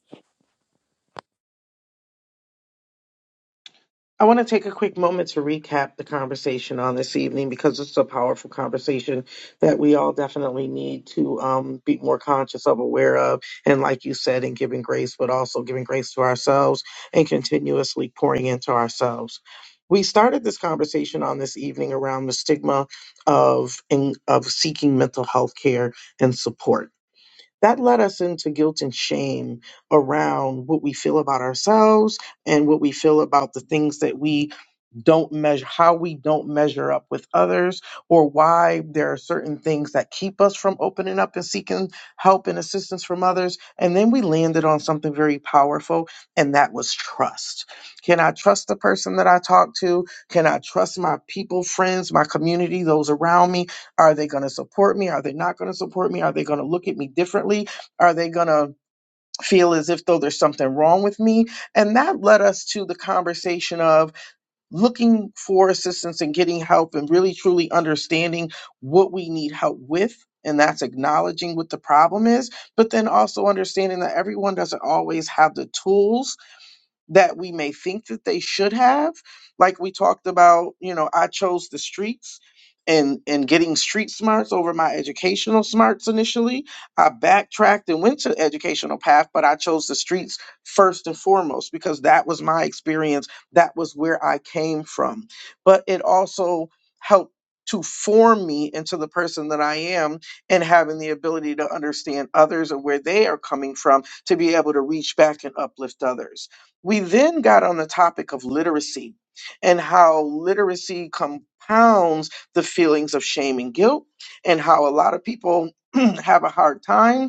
A: I want to take a quick moment to recap the conversation on this evening because it's a powerful conversation that we all definitely need to um, be more conscious of, aware of, and like you said, in giving grace, but also giving grace to ourselves and continuously pouring into ourselves. We started this conversation on this evening around the stigma of in, of seeking mental health care and support. That led us into guilt and shame around what we feel about ourselves and what we feel about the things that we don't measure how we don't measure up with others or why there are certain things that keep us from opening up and seeking help and assistance from others and then we landed on something very powerful and that was trust can i trust the person that i talk to can i trust my people friends my community those around me are they going to support me are they not going to support me are they going to look at me differently are they going to feel as if though there's something wrong with me and that led us to the conversation of looking for assistance and getting help and really truly understanding what we need help with. And that's acknowledging what the problem is, but then also understanding that everyone doesn't always have the tools that we may think that they should have like we talked about you know i chose the streets and and getting street smarts over my educational smarts initially i backtracked and went to the educational path but i chose the streets first and foremost because that was my experience that was where i came from but it also helped to form me into the person that I am and having the ability to understand others and where they are coming from to be able to reach back and uplift others. We then got on the topic of literacy and how literacy compounds the feelings of shame and guilt, and how a lot of people have a hard time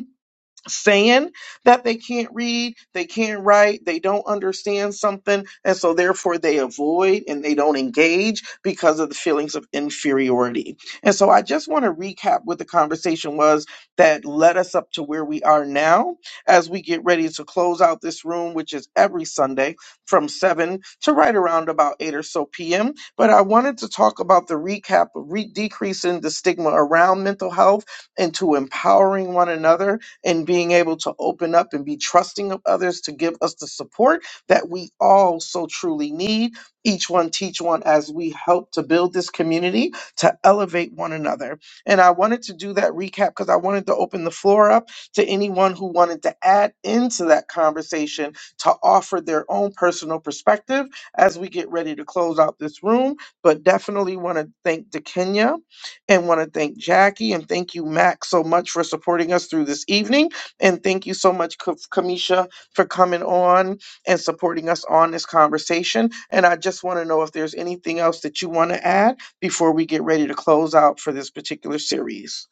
A: saying that they can't read, they can't write, they don't understand something, and so therefore they avoid and they don't engage because of the feelings of inferiority. And so I just want to recap what the conversation was that led us up to where we are now as we get ready to close out this room, which is every Sunday from 7 to right around about 8 or so p.m. But I wanted to talk about the recap of re- decreasing the stigma around mental health and to empowering one another and being able to open up and be trusting of others to give us the support that we all so truly need. Each one teach one as we help to build this community to elevate one another. And I wanted to do that recap because I wanted to open the floor up to anyone who wanted to add into that conversation to offer their own personal perspective as we get ready to close out this room. But definitely want to thank Kenya and want to thank Jackie and thank you, Max, so much for supporting us through this evening. And thank you so much, Ka- Kamisha, for coming on and supporting us on this conversation. And I just want to know if there's anything else that you want to add before we get ready to close out for this particular series.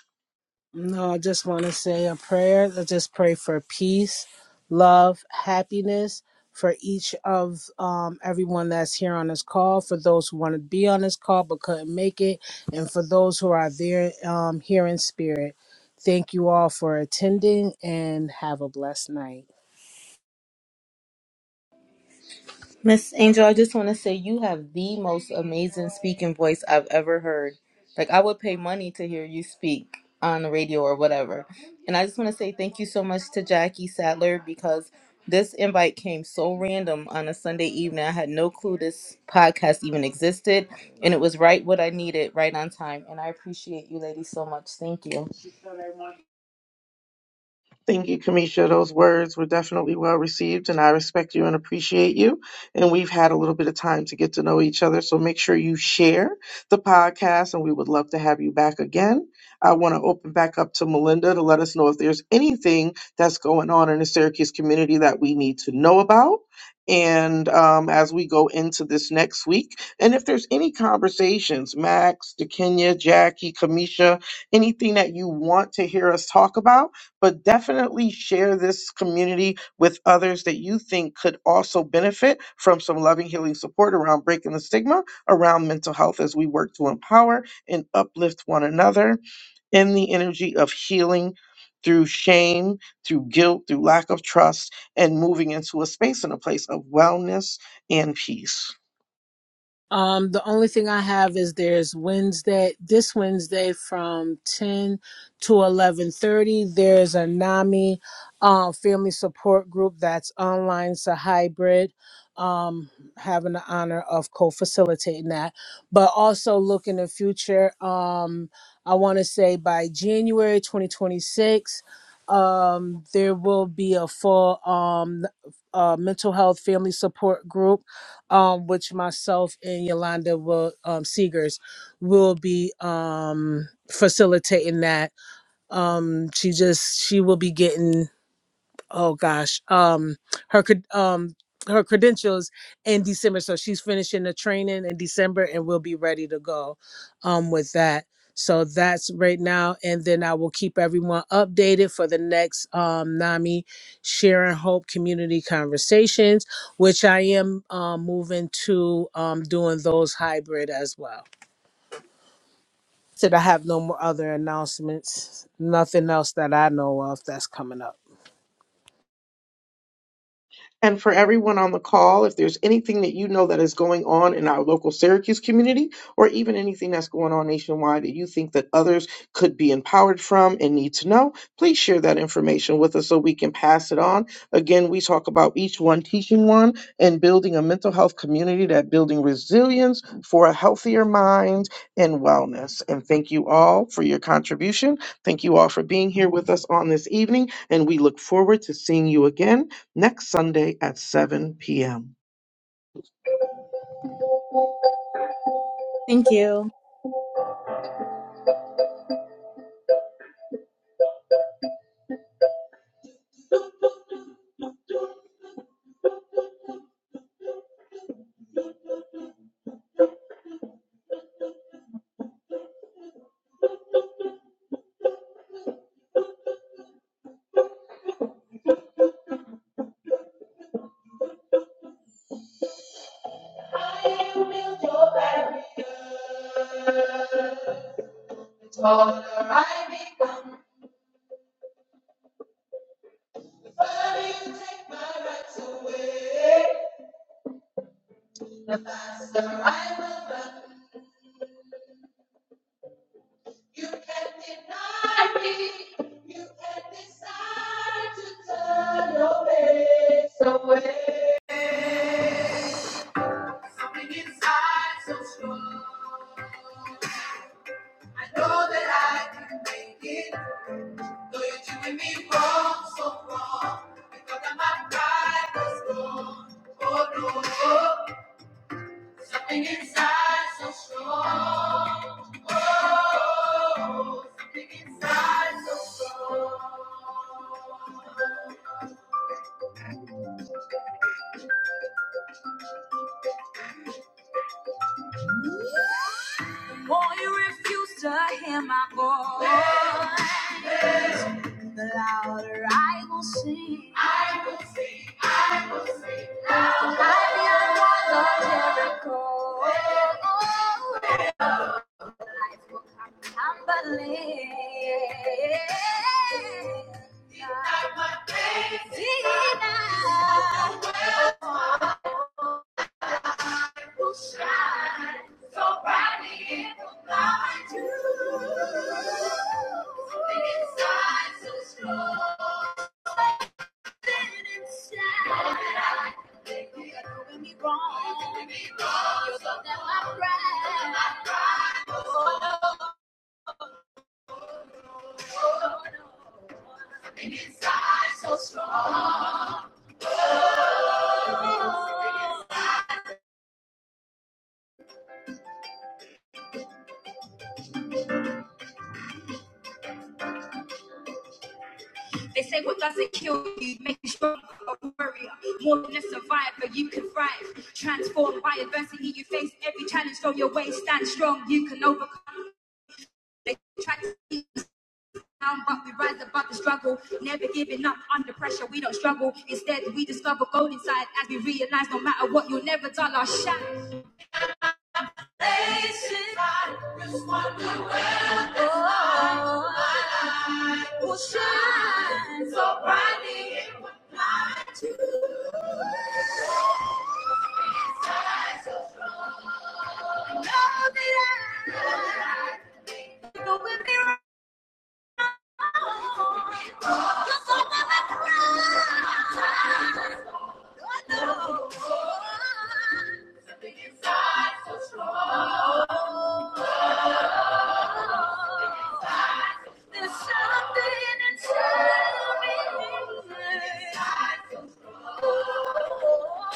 B: No, I just want to say a prayer. I just pray for peace, love, happiness for each of um, everyone that's here on this call, for those who want to be on this call but couldn't make it, and for those who are there um, here in spirit. Thank you all for attending and have a blessed night.
C: Miss Angel, I just want to say you have the most amazing speaking voice I've ever heard. Like, I would pay money to hear you speak on the radio or whatever. And I just want to say thank you so much to Jackie Sattler because this invite came so random on a Sunday evening. I had no clue this podcast even existed. And it was right what I needed, right on time. And I appreciate you, ladies, so much. Thank you.
A: Thank you, Kamisha. Those words were definitely well received, and I respect you and appreciate you. And we've had a little bit of time to get to know each other, so make sure you share the podcast, and we would love to have you back again. I want to open back up to Melinda to let us know if there's anything that's going on in the Syracuse community that we need to know about. And um, as we go into this next week, and if there's any conversations, Max, DeKenya, Jackie, Kamisha, anything that you want to hear us talk about, but definitely share this community with others that you think could also benefit from some loving, healing support around breaking the stigma around mental health as we work to empower and uplift one another in the energy of healing through shame, through guilt, through lack of trust, and moving into a space and a place of wellness and peace.
B: Um, the only thing I have is there's Wednesday, this Wednesday from 10 to 11:30. There's a NAMI uh, family support group that's online, it's a hybrid. Um, having the honor of co-facilitating that, but also look in the future. Um, I want to say by January 2026, um, there will be a full um, uh, mental health family support group um, which myself and Yolanda will um, Seegers will be um, facilitating that. Um, she just she will be getting oh gosh um her cred- um her credentials in december so she's finishing the training in december and we'll be ready to go um with that so that's right now and then i will keep everyone updated for the next um nami sharing hope community conversations which i am um, moving to um doing those hybrid as well said i have no more other announcements nothing else that i know of that's coming up
A: And for everyone on the call, if there's anything that you know that is going on in our local Syracuse community, or even anything that's going on nationwide that you think that others could be empowered from and need to know, please share that information with us so we can pass it on. Again, we talk about each one teaching one and building a mental health community that building resilience for a healthier mind and wellness. And thank you all for your contribution. Thank you all for being here with us on this evening, and we look forward to seeing you again next Sunday at 7 p.m.
C: Thank you.
A: will build your barrier. The taller I become, the faster I run. You can deny me. You can decide to turn your face away. Something inside so strong. I know that I can make it. Though you're doing me wrong, so wrong. Because of my pride was wrong. Oh no. Something inside so strong. Something inside. you refuse to hear my voice. The louder I will sing. I feel the walls of Jericho. Life will come tumbling. Deny. Deny. I will shine so brightly in the light too. Something inside so strong Something inside. that I think They are doing me wrong. You're Doing me wrong. You took down my pride. My pride. Oh no. Oh no. Something inside so strong. Something They say what doesn't kill you makes you stronger, a warrior, more than a survivor. You can thrive, transformed by adversity. You face every challenge throw your way. Stand strong, you can overcome. They try to keep us down, but we rise above the struggle. Never giving up under pressure. We don't struggle. Instead, we discover gold inside as we realize no matter what, you'll never dull our shine. Faces I just wonder Oh, my light will shine so brightly in my life too. Know that I- know that I, know that I, there's something inside of me.